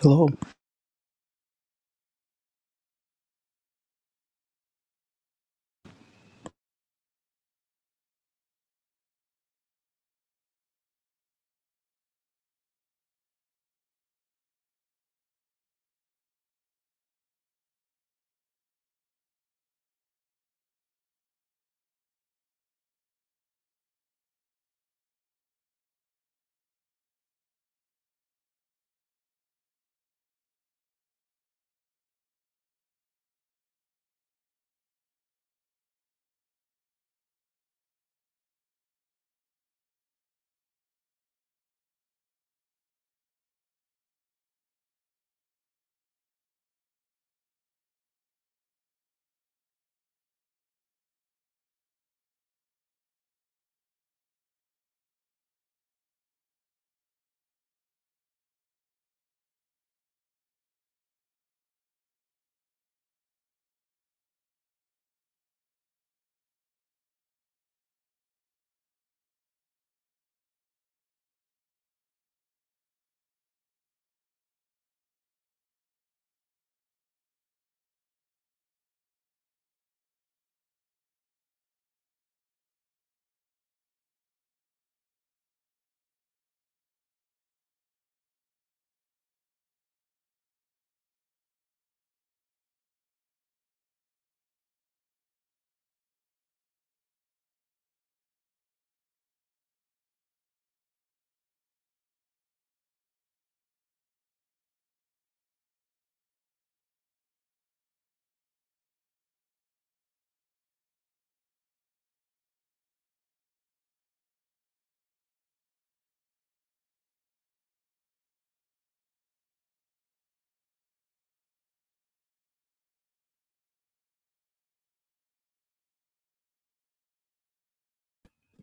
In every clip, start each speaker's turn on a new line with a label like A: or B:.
A: Hello,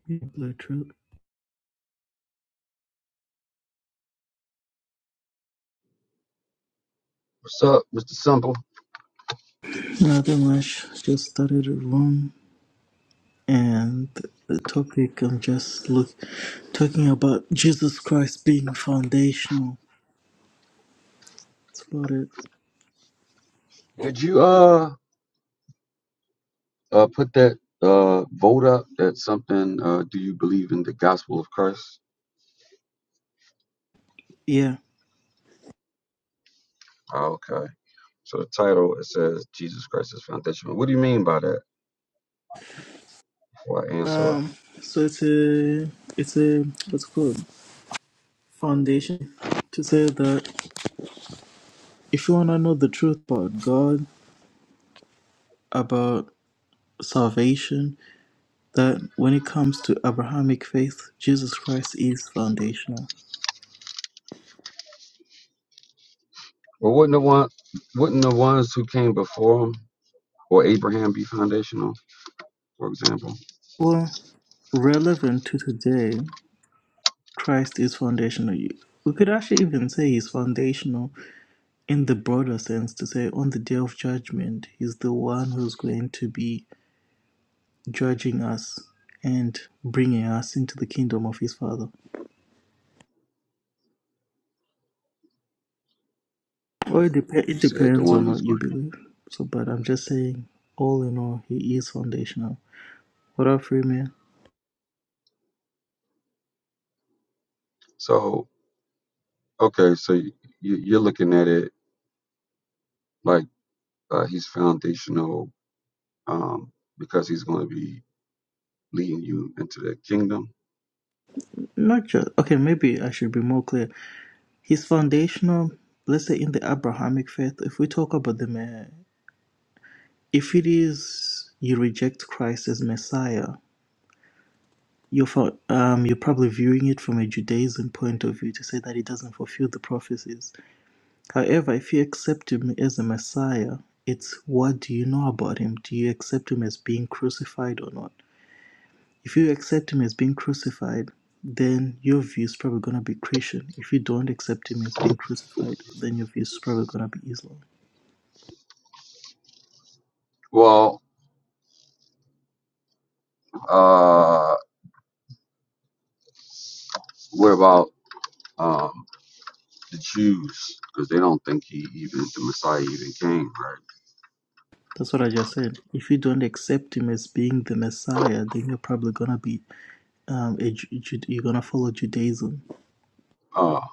A: people.
B: What's up, Mr. Simple?
A: Nothing much. Just started a room, and the topic I'm just look talking about Jesus Christ being foundational. That's about it.
B: Did you uh uh put that uh vote up that something uh do you believe in the gospel of Christ?
A: Yeah.
B: Oh, okay. So the title it says Jesus Christ is foundational. What do you mean by that? Before I answer it.
A: Um. So it's a it's a what's it called foundation to say that if you wanna know the truth about God, about salvation, that when it comes to Abrahamic faith, Jesus Christ is foundational.
B: Well wouldn't the one wouldn't the ones who came before him or Abraham be foundational, for example?
A: Well, relevant to today. Christ is foundational. You- We could actually even say he's foundational in the broader sense to say on the day of judgment, he's the one who's going to be judging us and bringing us into the kingdom of his Father. Well, it, dep-
B: You
A: it
B: said the
A: depends on
B: one who's
A: what you
B: going to be
A: believe. So, but I'm just saying, all in all, he is foundational. What up, free
B: so okay, so you, you're looking at it like uh, he's foundational um because he's going to be leading you into the kingdom
A: Not just okay. Maybe I should be more clear. He's foundational. Let's say in the Abrahamic faith, if we talk about the Ma- If it is you reject Christ as Messiah, you're for, um, you're probably viewing it from a Judaism point of view to say that he doesn't fulfill the prophecies. However, if you accept him as a Messiah, it's what do you know about him? Do you accept him as being crucified or not? If you accept him as being crucified, then your view is probably going to be Christian. If you don't accept him as being crucified, then your view is probably going to be Islam.
B: Well, uh, what about um, the Jews? Because they don't think he even the Messiah even came, right?
A: That's what I just said. If you don't accept him as being the Messiah, then you're probably going to be um, a, you're gonna follow Judaism,
B: Uh,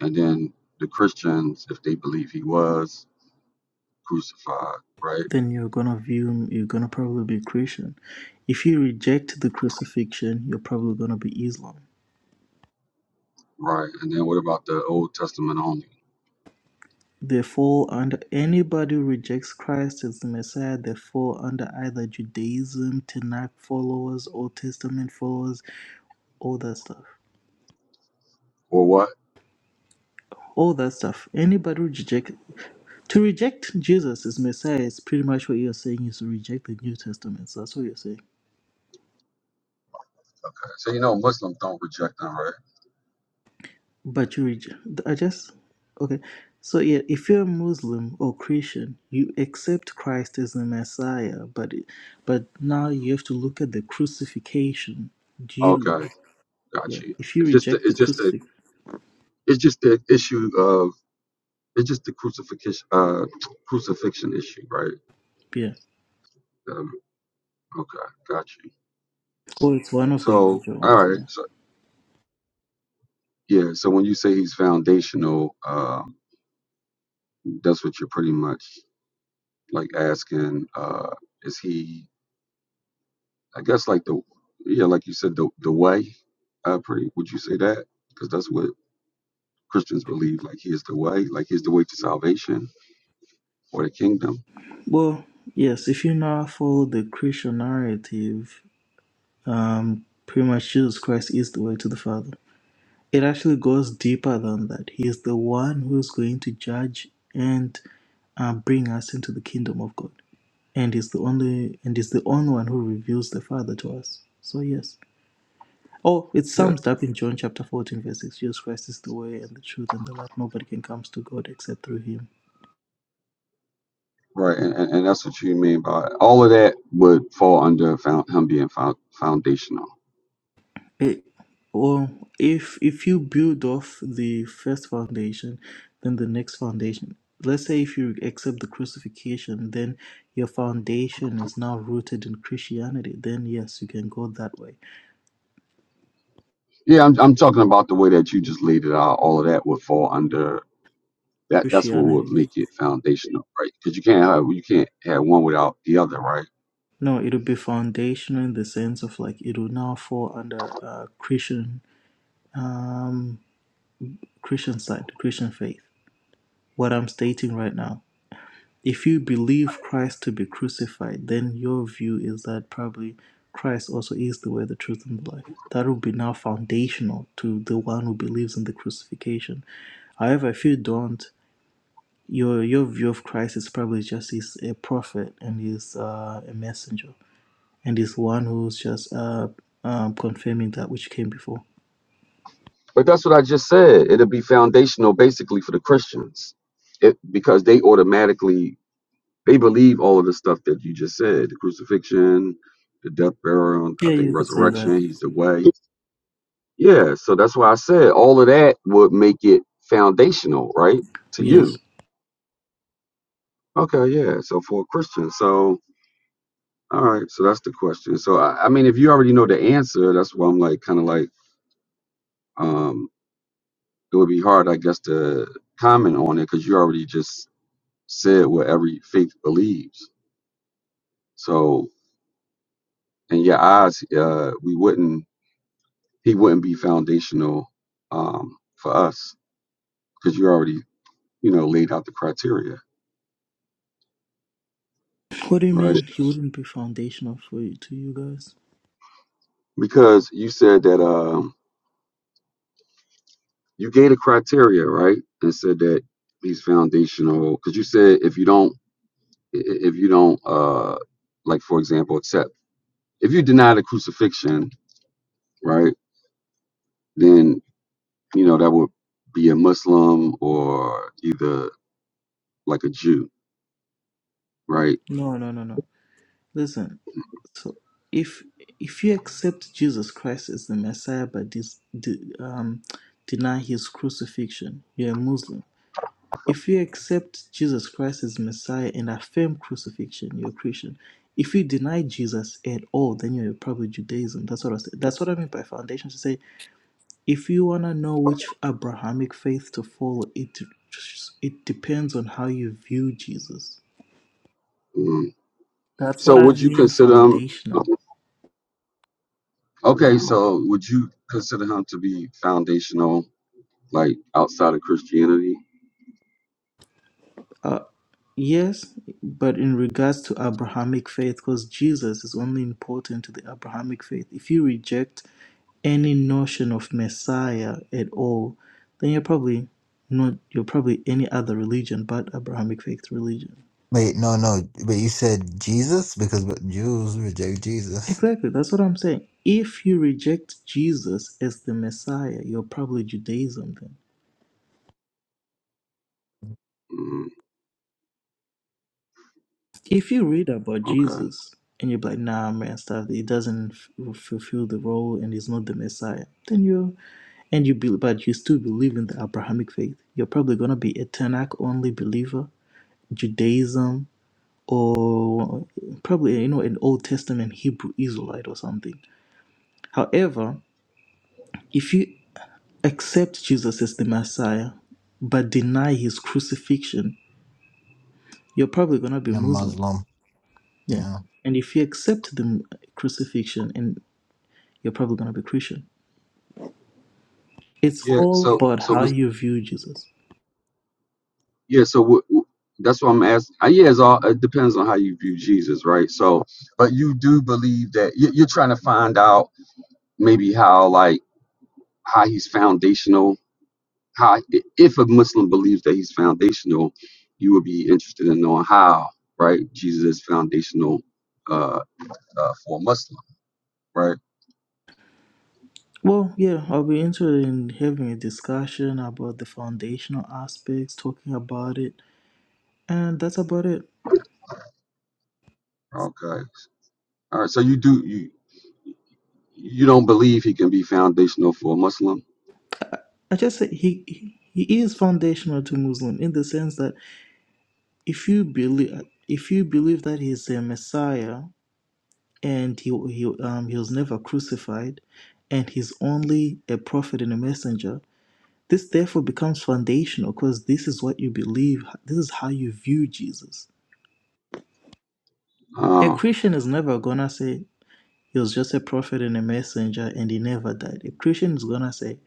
B: and then the Christians, if they believe he was crucified, right?
A: then you're gonna view you're gonna probably be Christian. If you reject the crucifixion, you're probably gonna be Islam.
B: Right. And then what about the Old Testament only?
A: They fall under anybody who rejects Christ as the Messiah. They fall under either Judaism, Tanakh followers, Old Testament followers, all that stuff.
B: Or what?
A: All that stuff. Anybody who reject to reject Jesus as Messiah is pretty much what you're saying is to reject the New Testament. So that's what you're saying.
B: So you know, Muslims don't reject them, right?
A: But you reject. I just okay. So yeah, if you're a Muslim or Christian, you accept Christ as the Messiah, but it- but now you have to look at the crucifixion. Do you
B: Okay, got
A: yeah?
B: you.
A: If you
B: It's just the,
A: reject the
B: it's just the
A: crucifix,
B: it's just the issue of it's just the crucifixion uh, crucifixion issue, right?
A: yeah,
B: Um, okay, got you.
A: or it's one of the
B: So,
A: major ones.
B: all right.
A: Yeah.
B: so Yeah, so when you say he's foundational, uh, that's what you're pretty much like asking, uh, is he, I guess like the, yeah, like you said, the the way, uh, pretty, would you say that? Because that's what Christians believe, like he is the way, like he's the way to salvation or the kingdom.
A: Well, yes. If you now follow the Christian narrative, um, pretty much Jesus Christ is the way to the Father. it actually goes deeper than that. He is the one who is going to judge and uh, bring us into the kingdom of God, and is the only and is the only one who reveals the Father to us. So yes. Oh, it
B: Yeah,
A: sums up in John chapter 14, verse 6. Jesus Christ is the way and the truth and the life. Nobody can come to God except through him.
B: right, and, and, and that's what you mean by all of that would fall under found, him being found, foundational.
A: It, well, if if you build off the first foundation, then the next foundation. Let's say if you accept the crucifixion, then your foundation is now rooted in Christianity. Then yes, you can go that way.
B: Yeah, I'm, I'm talking about the way that you just laid it out. All of that would fall under That that's what would
A: Christianity.
B: make it foundational, right? Because you can't have you can't have one without the other, right?
A: No, it'll be foundational in the sense of like it will now fall under uh, Christian um, Christian side, Christian faith. What I'm stating right now. if you believe Christ to be crucified, then your view is that probably Christ also is the way, the truth, and the life. That will be now foundational to the one who believes in the crucifixion. However, if you don't, your your view of Christ is probably just he's a prophet and he's uh, a messenger and he's one who's just uh, um, confirming that which came before.
B: But that's what I just said. It'll be foundational basically for the Christians, it, because they automatically they believe all of the stuff that you just said: the crucifixion, the death, burial, I
A: Yeah,
B: think
A: you could say
B: resurrection.
A: that.
B: He's the way. Yeah, so that's why I said all of that would make it foundational, right? To
A: Yes.
B: you. Okay, yeah. So for a Christian, so all right, so that's the question. So I, I mean, if you already know the answer, that's why I'm like kind of like um, it would be hard, I guess, to comment on it because you already just said what every faith believes. So, in your eyes, uh, we wouldn't, he wouldn't be foundational um, for us because you already, you know, laid out the criteria,
A: What do you
B: right?
A: mean he wouldn't be foundational for you, to you guys?
B: Because you said that um, you gave a criteria, right, and said that he's foundational because you said if you don't, i- i- if you don't, uh, like for example, accept if you deny the crucifixion, right? then you know, that would be a Muslim or either like a Jew, right?
A: No, no, no, no. Listen, So if if you accept Jesus Christ as the Messiah but dis, de- um, deny his crucifixion, you're a Muslim. If you accept Jesus Christ as Messiah and affirm crucifixion, you're a Christian. If you deny Jesus at all, then you're probably Judaism. That's what I said. That's what I mean by foundation. To say, if you wanna know which Abrahamic faith to follow, it it depends on how you view Jesus.
B: Mm.
A: That's
B: So
A: what I
B: would you
A: mean
B: consider him?
A: foundational.
B: Okay, so would you consider him to be foundational, like outside of Christianity?
A: Uh, yes, but in regards to Abrahamic faith, because Jesus is only important to the Abrahamic faith. If you reject any notion of Messiah at all, then you're probably not you're probably any other religion but Abrahamic faith religion.
C: Wait, no, no. But you said Jesus because Jews reject Jesus.
A: Exactly, that's what I'm saying. If you reject Jesus as the Messiah, you're probably Judaism then.
B: Mm,
A: If you read about
B: okay.
A: Jesus and you're like, nah, man, stuff, he doesn't f- fulfill the role and he's not the Messiah, then you're and you be, but you still believe in the Abrahamic faith, you're probably gonna be a Tanakh only believer, Judaism, or probably you know an Old Testament Hebrew Israelite or something. However, if you accept Jesus as the Messiah but deny his crucifixion, you're probably gonna be
C: You're
A: Muslim.
C: Muslim.
A: Yeah,
C: Yeah.
A: and if you accept the crucifixion, and you're probably gonna be Christian. It's
B: Yeah.
A: all
B: So
A: about
B: so
A: how
B: Mis-
A: you view Jesus.
B: yeah. So what, that's what I'm asking. Uh, yeah. It's all it depends on how you view Jesus, right? So, but you do believe that you, you're trying to find out maybe how like how he's foundational how if a Muslim believes that he's foundational, you would be interested in knowing how, right? Jesus is foundational uh, uh, for a Muslim, right?
A: Well, yeah, I'll be interested in having a discussion about the foundational aspects, talking about it, and that's about it.
B: Okay, all right. So you do you you don't believe he can be foundational for a Muslim?
A: I just say he he he is foundational to Muslim in the sense that if you believe if you believe that he's a Messiah and he he um he was never crucified, and he's only a prophet and a messenger, this therefore becomes foundational because this is what you believe. This is how you view Jesus. A
B: Uh,
A: Christian is never gonna say He was just a prophet and a messenger, and he never died. A Christian is gonna say,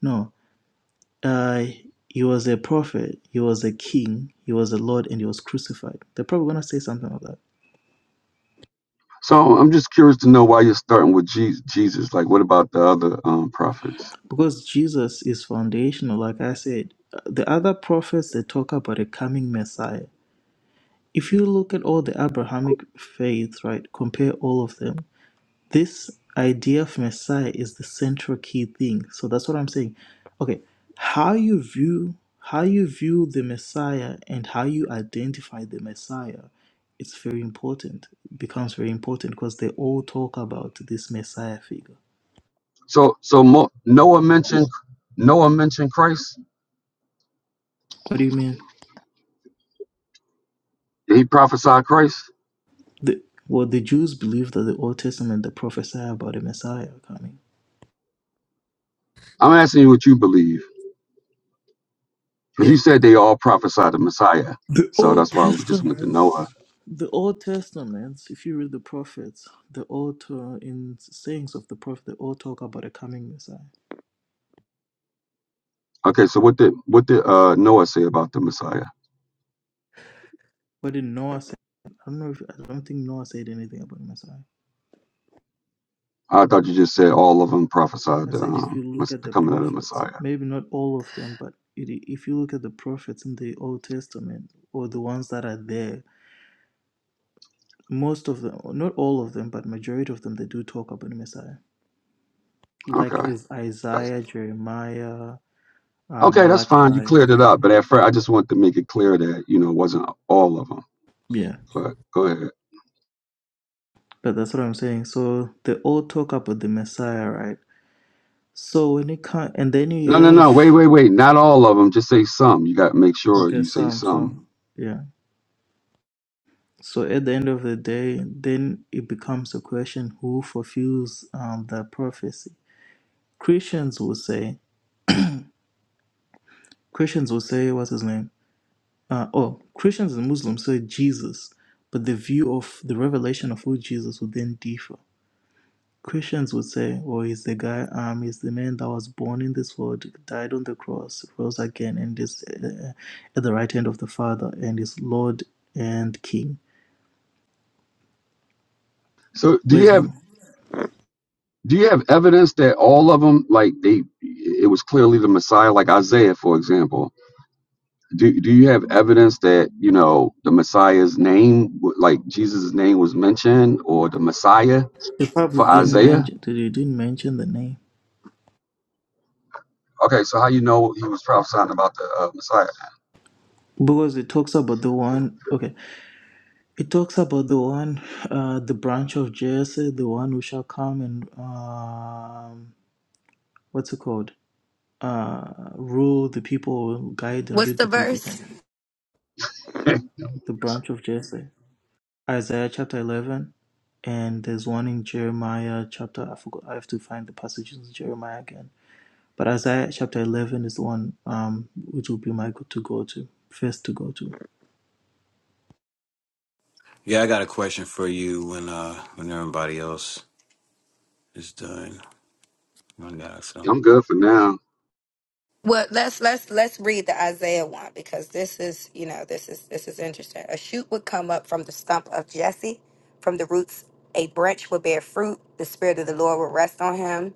A: no, uh, he was a prophet, he was a king, he was a lord, and he was crucified. They're probably gonna say something like that
B: so I'm just curious to know why you're starting with Je- Jesus. Like, what about the other um, prophets?
A: because Jesus is foundational. Like I said, Uh, the other prophets they talk about a coming Messiah. If you look at all the Abrahamic faiths, right, compare all of them this idea of Messiah is the central key thing. So that's what I'm saying. Okay, how you view how you view the Messiah and how you identify the Messiah, it's very important. It becomes very important because they all talk about this Messiah figure.
B: So so Mo- Noah mentioned Noah mentioned Christ.
A: What do you mean?
B: Did he prophesy Christ?
A: The well, the Jews believe that the Old Testament they prophesy about a Messiah coming.
B: I'm asking you what you believe. Because you said they all prophesied the Messiah.
A: The
B: So
A: Old
B: that's why we just went to Noah.
A: Testaments, the Old Testaments, if you read the prophets, the Old uh, in sayings of the prophet, they all talk about a coming Messiah.
B: Okay, so what did what did uh, Noah say about the Messiah?
A: What did Noah say? I don't know if I don't think Noah said anything about Messiah.
B: I thought you just said all of them prophesied
A: I
B: the,
A: said if
B: um,
A: you look
B: mess-
A: at
B: the
A: the
B: coming of the
A: prophets,
B: Messiah.
A: maybe not all of them, but it, if you look at the prophets in the Old Testament or the ones that are there, most of them, not all of them, but majority of them, they do talk about Messiah. Like
B: Okay,
A: is
B: that's
A: Isaiah, Jeremiah, uh,
B: okay. That's fine. You
A: Malachi.
B: cleared it up. But at first, I just wanted to make it clear that you know it wasn't all of them.
A: Yeah
B: But go ahead.
A: But that's what I'm saying. So they all talk about the Messiah, right? So when it comes, and then you
B: No, no, no.
A: have
B: Wait, wait, wait. Not all of them. Just say some. You got to make sure
A: okay,
B: you say
A: some,
B: some.
A: some, yeah. So at the end of the day, then it becomes a question who fulfills um, the prophecy. Christians will say, Christians will say, what's his name? Uh, oh, Christians and Muslims say Jesus, but the view of the revelation of who Jesus would then differ. Christians would say, oh, he's the guy, um, he's the man that was born in this world, died on the cross, rose again, and is uh, at the right hand of the Father, and is Lord and King.
B: So do you
A: With
B: have do you have evidence that all of them like they it was clearly the Messiah, like Isaiah, for example? do do you have evidence that you know the Messiah's name, w- like Jesus' name, was mentioned, or the Messiah
A: they probably
B: for
A: didn't
B: Isaiah?
A: mention, they didn't mention the name
B: Okay, so how you know he was prophesying about the uh, Messiah?
A: because it talks about the one. Okay, it talks about the one, uh, the branch of Jesse, the one who shall come and um, what's it called? Uh, rule the people, guide and
D: What's
A: lead
D: the
A: the people.
D: verse?
A: Something. The branch of Jesse. Isaiah chapter 11, and there's one in Jeremiah chapter, I forgot, I have to find the passages in Jeremiah again. But Isaiah chapter 11 is the one um, which will be my go to go to, first to go to.
E: Yeah, I got a question for you when uh when everybody else is done. I got some.
B: I'm good for now.
D: Well, let's let's let's read the Isaiah one because this is you know this is this is interesting. A shoot would come up from the stump of Jesse, from the roots a branch would bear fruit. The spirit of the Lord will rest on him,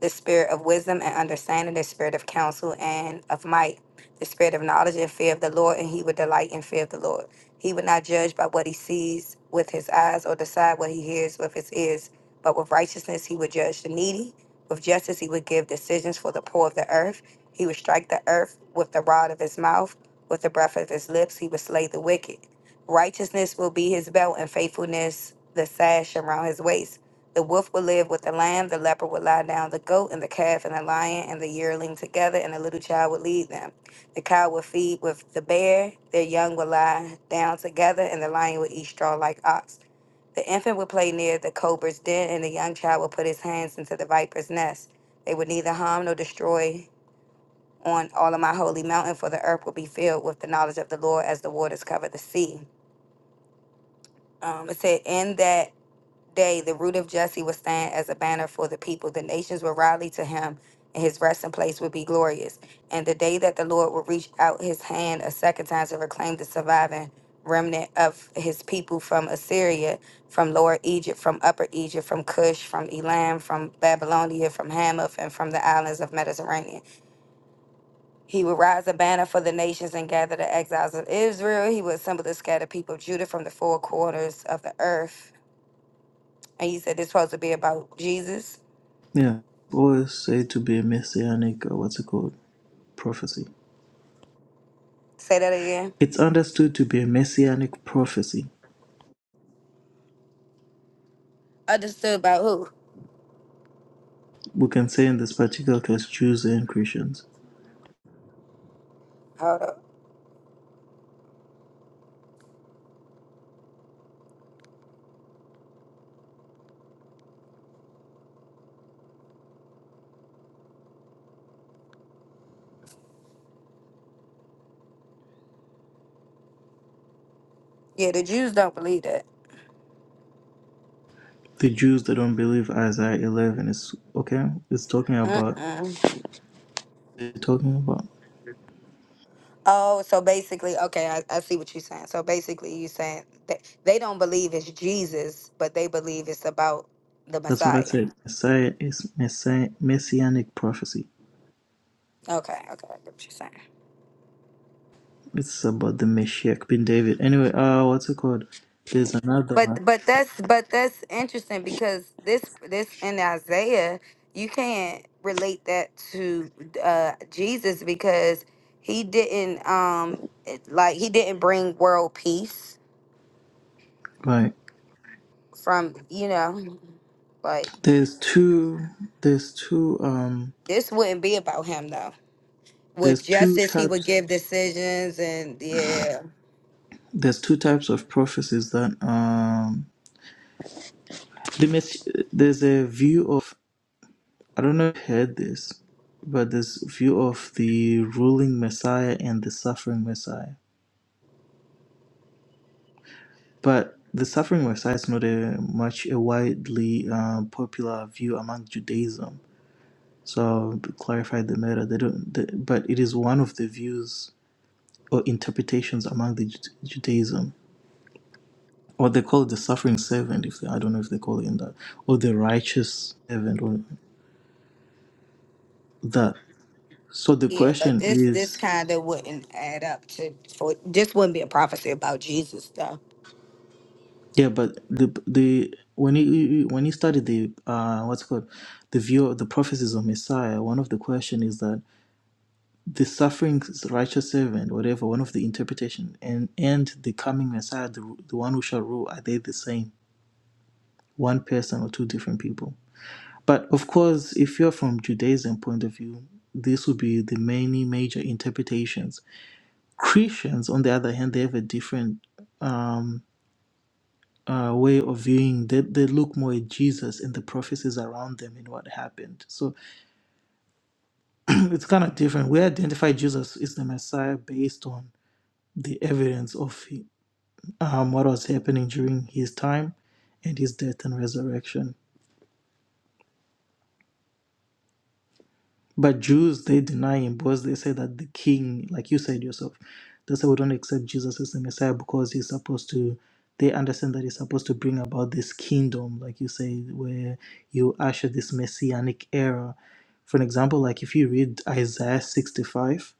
D: the spirit of wisdom and understanding, the spirit of counsel and of might. the spirit of knowledge and fear of the Lord, and he would delight in fear of the Lord. He would not judge by what he sees with his eyes or decide what he hears with his ears, but with righteousness he would judge the needy. With justice he would give decisions for the poor of the earth. He would strike the earth with the rod of his mouth, with the breath of his lips he would slay the wicked. Righteousness will be his belt, and faithfulness the sash around his waist. The wolf will live with the lamb, the leopard will lie down, the goat and the calf and the lion and the yearling together, and the little child will lead them. The cow will feed with the bear, their young will lie down together, and the lion will eat straw like ox. The infant will play near the cobra's den, and the young child will put his hands into the viper's nest. They would neither harm nor destroy on all of my holy mountain, for the earth will be filled with the knowledge of the Lord as the waters cover the sea. Um, it said, in that day the root of Jesse would stand as a banner for the people. The nations would rally to him, and his resting place would be glorious. And the day that the Lord would reach out his hand a second time to reclaim the surviving remnant of his people from Assyria, from Lower Egypt, from Upper Egypt, from Cush, from Elam, from Babylonia, from Hamath, and from the islands of Mediterranean. He would rise a banner for the nations and gather the exiles of Israel. He would assemble the scattered people of Judah from the four corners of the earth and you said this supposed to be about Jesus.
A: Yeah. Always say to be a messianic, uh, what's it called? Prophecy.
D: Say that again.
A: It's understood to be a messianic prophecy.
D: Understood about who?
A: We can say in this particular case, Jews and Christians.
D: Hold up. Yeah, the Jews don't believe that.
A: The Jews that don't believe Isaiah 11 is okay. It's talking about.
D: Mm-mm.
A: It's talking about.
D: Oh, so basically, okay, I, I see what you're saying. So basically, you're saying that they don't believe it's Jesus, but they believe it's about the
A: That's what I
D: Messiah.
A: said. Messiah is messiah, messianic prophecy.
D: Okay, okay, I get what you're saying.
A: It's about the Messiah, bin David. Anyway, uh, what's it called? There's another
D: But
A: one.
D: but that's but that's interesting because this this in Isaiah you can't relate that to uh, Jesus because he didn't um it- like he didn't bring world peace
A: Right.
D: from you know like
A: There's two. There's two. Um.
D: this wouldn't be about him though. With
A: There's two
D: justice, he would
A: types.
D: give decisions and yeah
A: There's two types of prophecies that um. The mess- there's a view of. I don't know if you heard this, but there's view of the ruling Messiah and the suffering Messiah. But the suffering of Christ is not a much a widely uh, popular view among Judaism. So to clarify the matter, they don't. They, but it is one of the views or interpretations among the Ju- Judaism, or they call it the suffering servant. If they, I don't know if they call it in that, or the righteous servant, or that. So the
D: yeah. But
A: question
D: this this
A: is,
D: kind of wouldn't add up to for this wouldn't be a prophecy about Jesus though.
A: yeah, but the the when you you- you- when you study the uh, what's it called the view of the prophecies of Messiah, one of the question is that the suffering righteous servant, whatever, one of the interpretation, and and the coming Messiah, the, the one who shall rule, are they the same? One person or two different people? But of course, if you're from Judaism point of view, this would be the many major interpretations. Christians, on the other hand, they have a different um, uh, way of viewing. They, they look more at Jesus and the prophecies around them and what happened. So it's kind of different. We identify Jesus is the Messiah based on the evidence of um, what was happening during his time and his death and resurrection. But Jews, they deny him because they say that the king, like you said yourself, they say we don't accept Jesus as the Messiah because he's supposed to, they understand that he's supposed to bring about this kingdom, like you say, where you usher this messianic era. For an example, like if you read Isaiah 65,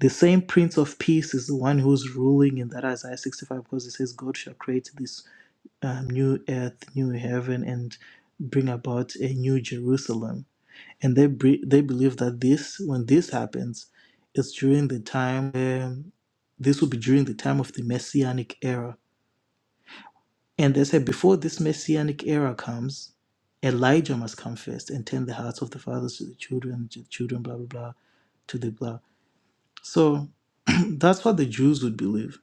A: the same Prince of Peace is the one who's ruling in that Isaiah 65 because it says God shall create this um, new earth, new heaven, and bring about a new Jerusalem. And they bre- they believe that this, when this happens, it's during the time. Um, this will be during the time of the messianic era. And they say before this messianic era comes, Elijah must come first and turn the hearts of the fathers to the children, to the children, blah blah blah, to the blah. So that's what the Jews would believe.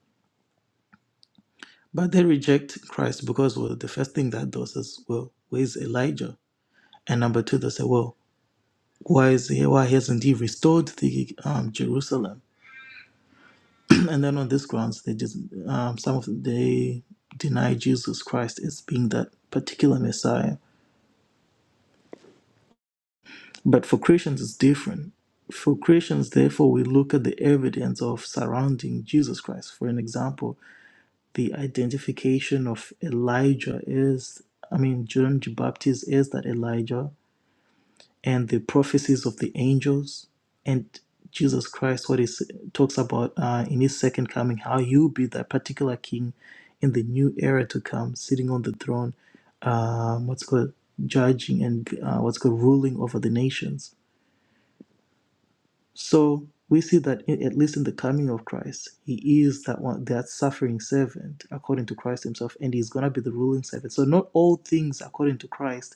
A: But they reject Christ because well, the first thing that does is well, where's Elijah? And number two, they say, well, why is he, why hasn't he restored the um, Jerusalem? and then on this grounds, they just um, some of them, they deny Jesus Christ as being that particular Messiah. But for Christians, it's different. For Christians, therefore, we look at the evidence of surrounding Jesus Christ. For an example, the identification of Elijah as I mean, John the Baptist as that Elijah and the prophecies of the angels and Jesus Christ, what he s- talks about uh, in his second coming, how he'll be that particular king in the new era to come, sitting on the throne, um, what's called judging and uh, what's called ruling over the nations. So we see that i- at least in the coming of Christ, he is that one, that suffering servant according to Christ himself, and he's gonna be the ruling servant. So not all things according to Christ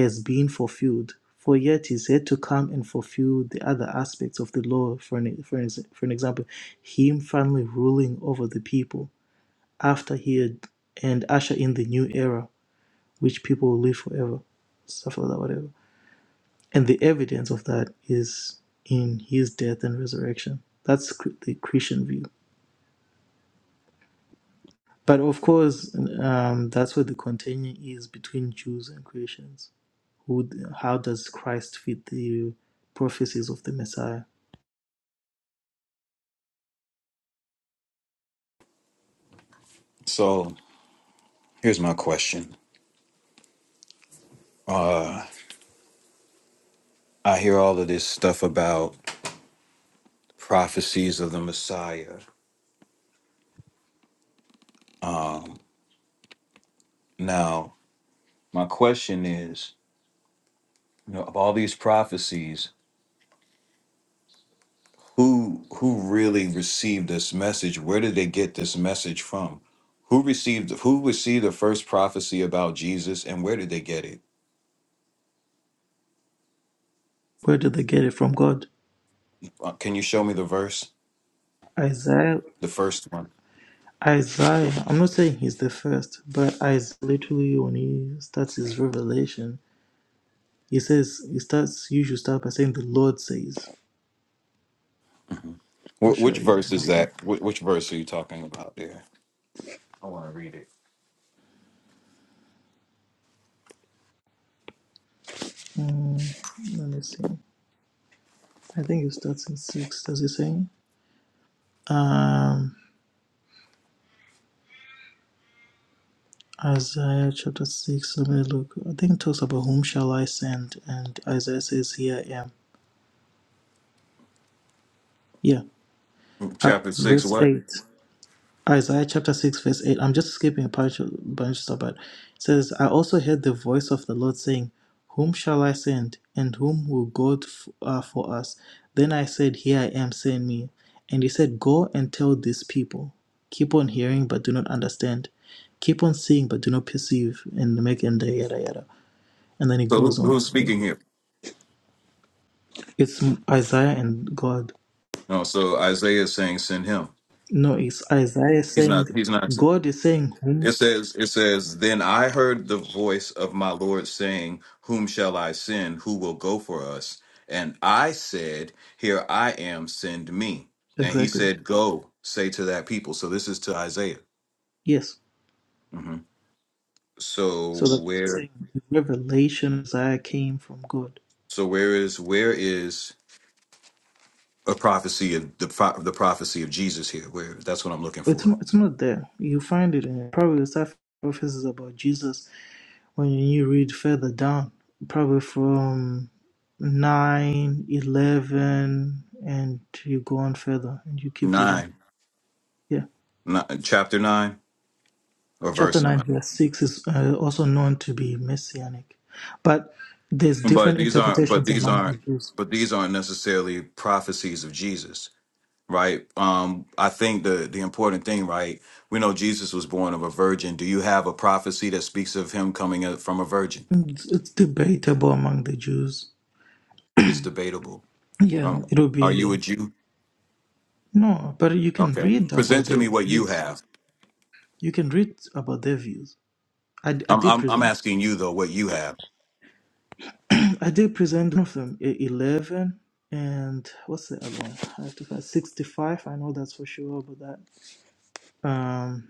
A: has been fulfilled, for yet he's yet to come and fulfill the other aspects of the law. For an, for an, for an example, him finally ruling over the people after he had and usher in the new era, which people will live forever, stuff like that, whatever. And the evidence of that is in his death and resurrection. That's the Christian view. But of course, um, that's where the contention is between Jews and Christians Who, how does Christ fit the prophecies of the Messiah?
E: So here's my question. Uh I hear all of this stuff about prophecies of the Messiah. Um now my question is, you know, of all these prophecies, who who really received this message? Where did they get this message from? Who received who received the first prophecy about Jesus and where did they get it?
A: Where did they get it from God?
E: Uh, can you show me the verse?
A: Isaiah,
E: The first one.
A: Isaiah, I'm not saying he's the first, but Isaiah literally when he starts his revelation, he says, he starts, you should start by saying, the Lord says.
E: Mhm.
A: I'll
E: Wh-
A: show
E: Which
A: you.
E: verse is that? Wh- Which verse are you talking about there? I want to read it.
A: Mm, let me see. I think it starts in 6, does it say? Um, Isaiah chapter 6, let me look. I think it talks about whom shall I send, and Isaiah says, here I am. Yeah. Uh,
E: Chapter six.
A: verse
E: What?
A: 8, Isaiah chapter 6, verse 8. I'm just skipping a bunch of, bunch of stuff, but it says, I also heard the voice of the Lord saying, Whom shall I send, and whom will go t- uh, for us? Then I said, Here I am, send me. And he said, Go and tell these people, keep on hearing, but do not understand. Keep on seeing, but do not perceive, and make and the yada yada. And then it
E: So
A: goes
E: who,
A: on
E: who's
A: from there.
E: speaking here?
A: It's Isaiah and God.
E: No. So Isaiah is saying, "Send him."
A: No, it's Isaiah
E: He's not.
A: saying,
E: He's not.
A: God is saying,
E: It
A: Whom?
E: says. It says. Then I heard the voice of my Lord saying, "Whom shall I send? Who will go for us?" And I said, "Here I am. Send me." And he
A: Exactly.
E: said, "Go say to that people." So this is to Isaiah.
A: Yes.
E: hmm So
A: So that's what I'm
E: where?
A: saying. The revelation Isaiah came from God.
E: So where is? Where is? a prophecy of the pro- the prophecy of Jesus here. Where that's what I'm looking
A: It's
E: for.
A: not, it's not there. You find it in probably the stuff prophecies about Jesus when you read further down, probably from 9, 11, and you go on further and you keep reading.
E: Nine,
A: Yeah.
E: ni- chapter nine or
A: Chapter
E: verse
A: 9,
E: nine.
A: verse 6 is uh, also known to be messianic. But there's
E: But
A: different
E: these aren't. But
A: interpretations
E: these
A: among the
E: aren't.
A: Jews.
E: But these aren't necessarily prophecies of Jesus, right? Um, I think the the important thing, right? We know Jesus was born of a virgin. Do you have a prophecy that speaks of him coming out from a virgin?
A: It's, it's debatable among the Jews.
E: It's debatable.
A: Yeah,
E: Um,
A: it'll
E: are
A: be.
E: you a Jew?
A: No, but you can
E: Okay,
A: read
E: present
A: about
E: to
A: their
E: me what you
A: views.
E: have.
A: You can read about their views. I, I
E: I'm
A: did
E: I'm, I'm
A: present.
E: asking you though what you have.
A: I did present one of them, e- 11 and what's the other one? I have to find 65. I know that's for sure, but that um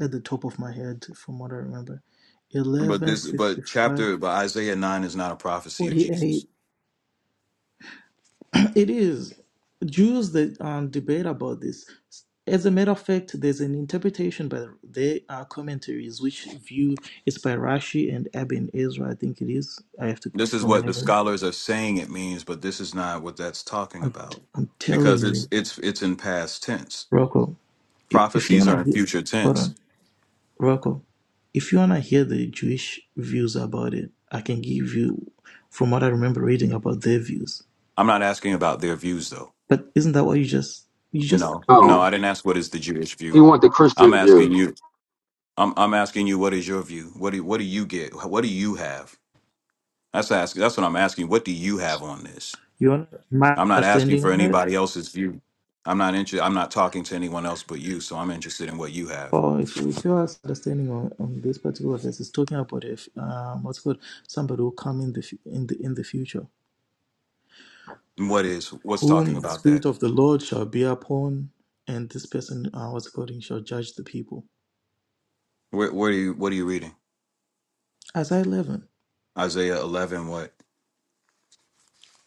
A: at the top of my head from what I remember.
E: But
A: 11
E: this, but
A: 65
E: chapter, but Isaiah nine is not a prophecy of
A: 48.
E: Jesus.
A: It is. Jews that um, debate about this. As a matter of fact, there's an interpretation by their uh, commentaries which view it's by Rashi and Abin Ezra. I think it is. I have to
E: This is
A: from
E: what the
A: memory.
E: scholars are saying it means, but this is not what that's talking
A: I'm
E: about
A: I'm telling
E: because it's
A: you,
E: it's it's in past tense.
A: Rocco. If, if you
E: Prophecies
A: wanna
E: are in
A: hear,
E: future
A: hold
E: tense.
A: on, Rocco. If you wanna hear the Jewish views about it, I can give you from what I remember reading about their views.
E: I'm not asking about their views though.
A: But isn't that what you just you just
E: No, no,
A: okay?
B: Oh,
E: I didn't ask what is the Jewish
B: he
E: view.
B: want the Christian
E: I'm
B: view,
E: asking you. I'm I'm asking you what is your view? What do what do you get? What do you have? That's ask. That's what I'm asking. What do you have on this?
A: You want my
E: I'm not asking
A: understanding
E: for
A: on it?
E: anybody else's view. I'm not interested. I'm not talking to anyone else but you. So I'm interested in what you have.
A: Or if if your understanding on, on this particular verse is talking about if um, what's called somebody will come in the fu- in the in the future,
E: And What is what's talking
A: whom the
E: about
A: spirit
E: that?
A: of the Lord shall be upon, and this person uh, what's it called he shall judge the people.
E: Where, where are you? What are you reading?
A: Isaiah eleven,
E: Isaiah 11. What?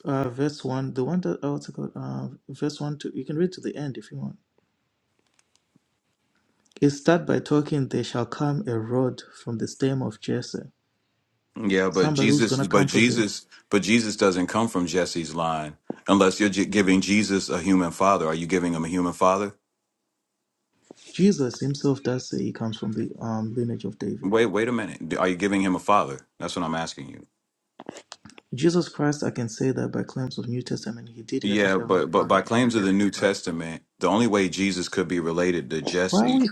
A: uh, verse one, the one that uh, what's it called, uh, verse one to you can read to the end if you want. It start by talking. There shall come a rod from the stem of Jesse.
E: Yeah, but
A: Somebody who's
E: Jesus,
A: gonna
E: but
A: come from the
E: Jesus, but Jesus doesn't come from Jesse's line unless you're j- giving Jesus a human father. Are you giving him a human father?
A: Jesus himself does say he comes from the um, lineage of David.
E: Wait, wait a minute. Are you giving him a father? That's what I'm asking you.
A: Jesus Christ, I can say that by claims of New Testament, he did have a
E: Yeah,
A: heavenly
E: but but by
A: father and an
E: claims of the
A: earthly
E: New
A: father.
E: Testament, the only way Jesus could be related to
A: Why
E: Jesse
A: are we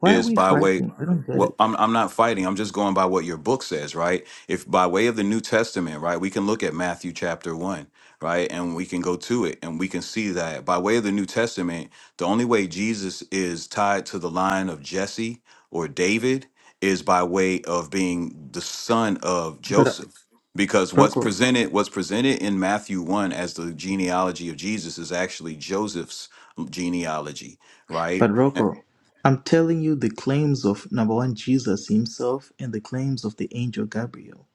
A: why are
E: is
A: we
E: by way
A: fighting? I don't get
E: well
A: it.
E: I'm I'm not fighting. I'm just going by what your book says, right? If by way of the New Testament, right? We can look at Matthew chapter 1, right? And we can go to it and we can see that by way of the New Testament, the only way Jesus is tied to the line of Jesse or David is by way of being the son of
A: But uh,
E: Joseph. Because what's
A: Rocco,
E: presented what's presented in Matthew 1 as the genealogy of Jesus is actually Joseph's genealogy, right?
A: but Rocco, I'm telling you the claims of number one Jesus himself and the claims of the angel Gabriel.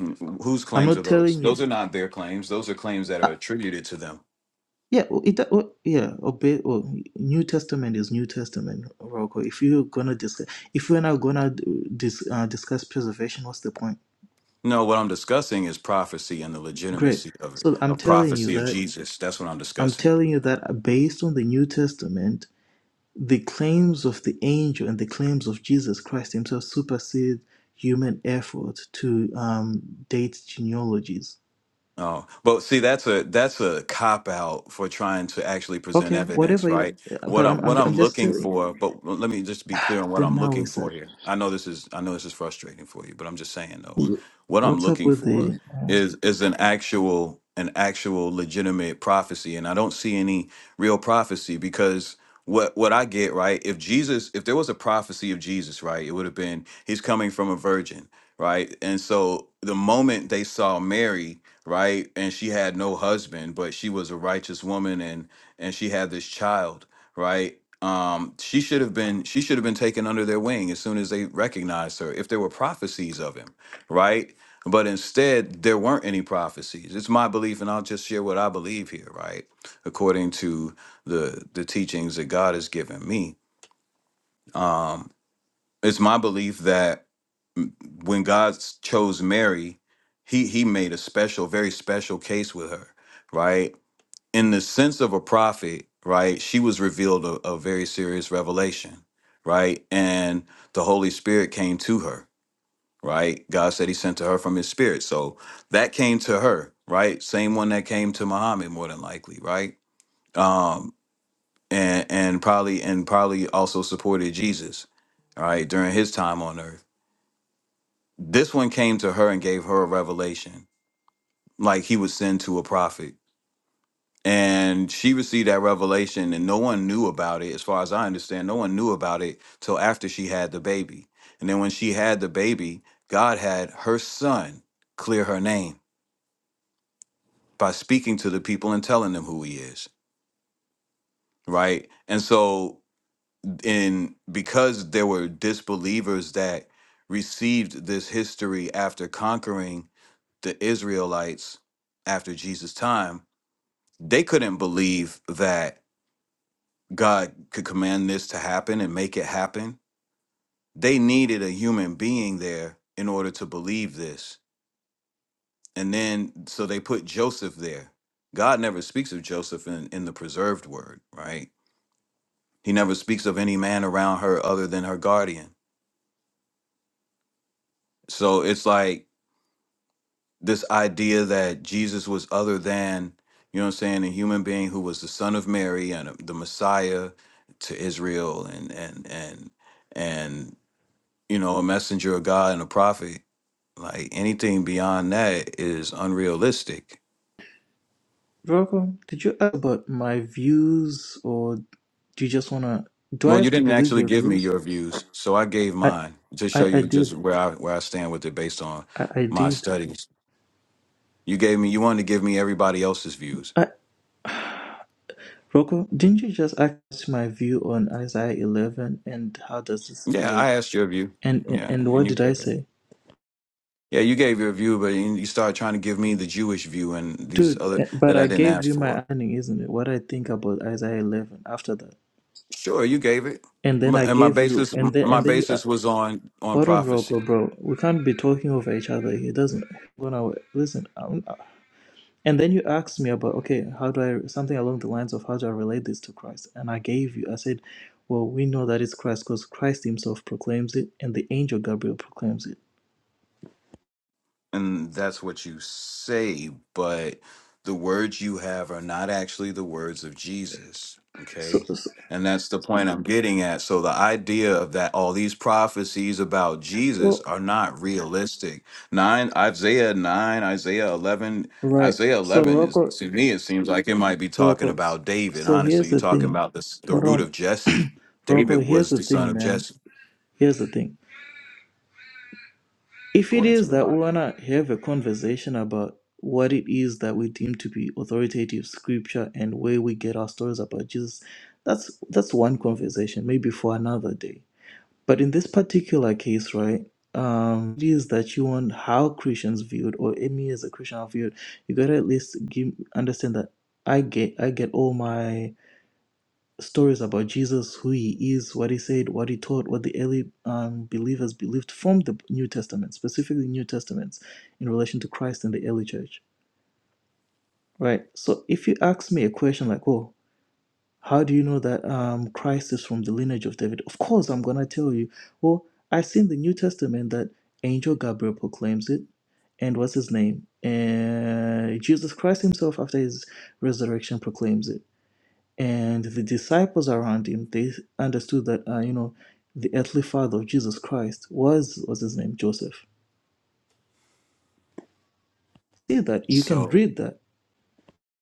E: Mm, Whose
A: I'm
E: claims are
A: not
E: those?
A: telling you.
E: Those are not their claims. Those are claims that are
A: Uh,
E: attributed to them.
A: yeah, well, it, well, yeah. Obey. Well, New Testament is New Testament, Rocco. If you're gonna discuss, if we're not gonna uh, dis, uh, discuss preservation, what's the point?
E: No, what I'm discussing is prophecy and the
A: Great.
E: legitimacy of it,
A: So I'm
E: of
A: telling you
E: prophecy of
A: that.
E: Jesus. That's what I'm
A: I'm
E: discussing.
A: telling you that based on the New Testament, the claims of the angel and the claims of Jesus Christ himself supersede human effort to um, date genealogies.
E: Oh, but see, that's a that's a cop out for trying to actually present
A: Okay,
E: evidence,
A: whatever you,
E: right? What
A: but I'm,
E: I'm what
A: I'm, I'm
E: I'm
A: just
E: looking
A: telling.
E: for, but let me just be clear on what
A: Then
E: I'm
A: now
E: looking
A: we said,
E: for here. I know this is I know this is frustrating for you, but I'm just saying though, what I'm
A: what's up
E: looking
A: with
E: for
A: the, uh,
E: is is an actual an actual legitimate prophecy, and I don't see any real prophecy because what what I get right, if Jesus, if there was a prophecy of Jesus, right, it would have been he's coming from a virgin, right, and so the moment they saw Mary right and she had no husband but she was a righteous woman and and she had this child right um she should have been she should have been taken under their wing as soon as they recognized her if there were prophecies of him right but instead there weren't any prophecies it's my belief and i'll just share what i believe here right according to the the teachings that god has given me um it's my belief that when God s- chose Mary, he he made a special, very special case with her, right? In the sense of a prophet, right? She was revealed a, a very serious revelation, right? And the Holy Spirit came to her, right? God said he sent to her from his spirit. So that came to her, right? Same one that came to Muhammad more than likely, right? Um and and probably and probably also supported Jesus, all right, during his time on earth this one came to her and gave her a revelation like he would send to a prophet and she received that revelation and no one knew about it as far as i understand no one knew about it till after she had the baby and then when she had the baby god had her son clear her name by speaking to the people and telling them who he is right and so in because there were disbelievers that received this history after conquering the Israelites after Jesus' time, they couldn't believe that God could command this to happen and make it happen. They needed a human being there in order to believe this. And then, so they put Joseph there. God never speaks of Joseph in, in the preserved word, right? He never speaks of any man around her other than her guardian. So it's like this idea that Jesus was other than, you know what I'm saying, a human being who was the son of Mary and uh, the Messiah to Israel and and and and you know, a messenger of God and a prophet. Like anything beyond that is unrealistic.
A: Rocco, did you ask about my views or do you just want to, do I
E: Well, you
A: have to
E: didn't
A: believe
E: actually
A: your
E: give me
A: views?
E: your views, so I gave
A: I,
E: mine to show
A: I, I
E: you just
A: did.
E: where I where I stand with it based on
A: I, I
E: my
A: did.
E: studies. You gave me you wanted to give me everybody else's views.
A: I. Rocco, didn't you just ask my view on Isaiah 11 and how does this
E: Yeah,
A: relate?
E: I asked your view.
A: And, and
E: Yeah,
A: and
E: and
A: what
E: you
A: did
E: gave
A: I
E: it.
A: say,
E: Yeah, you gave your view, but you you started trying to give me the Jewish view and these
A: dude?
E: other
A: eh, But
E: that I
A: I
E: didn't
A: gave
E: ask
A: you my
E: for.
A: understanding, isn't it? What I think about Isaiah 11 after that,
E: Sure, you gave it,
A: and
E: M-
A: then I
E: and my
A: gave you,
E: basis
A: and then
E: my
A: and then you. Uh,
E: basis was on on
A: hold on, Rocco,
E: prophecy.
A: bro. We can't be talking over each other here. It Doesn't gonna listen. Um, and then you asked me about okay, how do I something along the lines of how do I relate this to Christ? And I gave you. I said, well, we know that it's Christ because Christ Himself proclaims it, and the angel Gabriel proclaims it.
E: and that's what you say, but the words you have are not actually the words of Jesus.
A: So,
E: Okay.
A: so
E: And that's the point I'm getting at. So the idea of that all these prophecies about Jesus
A: oh,
E: are not realistic. Nine Isaiah nine, Isaiah eleven,
A: right.
E: Isaiah
A: So
E: eleven is
A: Rocco,
E: to me it seems like it might be talking
A: Rocco.
E: about David.
A: So
E: Honestly,
A: here's
E: you're
A: the
E: talking
A: thing.
E: about this the
A: Hold
E: root of
A: on,
E: Jesse. David
A: Rocco. Here's
E: was
A: the
E: the son
A: thing,
E: of
A: man.
E: Jesse,
A: Here's the thing. If it
E: according to
A: is
E: the
A: that we
E: Bible.
A: wanna have a conversation about what it is that we deem to be authoritative scripture and where we get our stories about Jesus, that's that's one conversation, maybe for another day. But in this particular case, right, um, it is that you want how Christians viewed or me as a Christian are viewed, you gotta at least give understand that I get I get all my stories about Jesus, who he is, what he said, what he taught, what the early um, believers believed from the New Testament, specifically New Testaments, in relation to Christ and the early church. Right. So if you ask me a question like, "Oh, how do you know that um, Christ is from the lineage of David? Of course, I'm going to tell you. Well, I see in the New Testament that Angel Gabriel proclaims it. And what's his name? And Jesus Christ himself, after his resurrection, proclaims it. And the disciples around him, they understood that, uh, you know, the earthly father of Jesus Christ was, what's his name? Joseph. See that? You can
E: So
A: read that.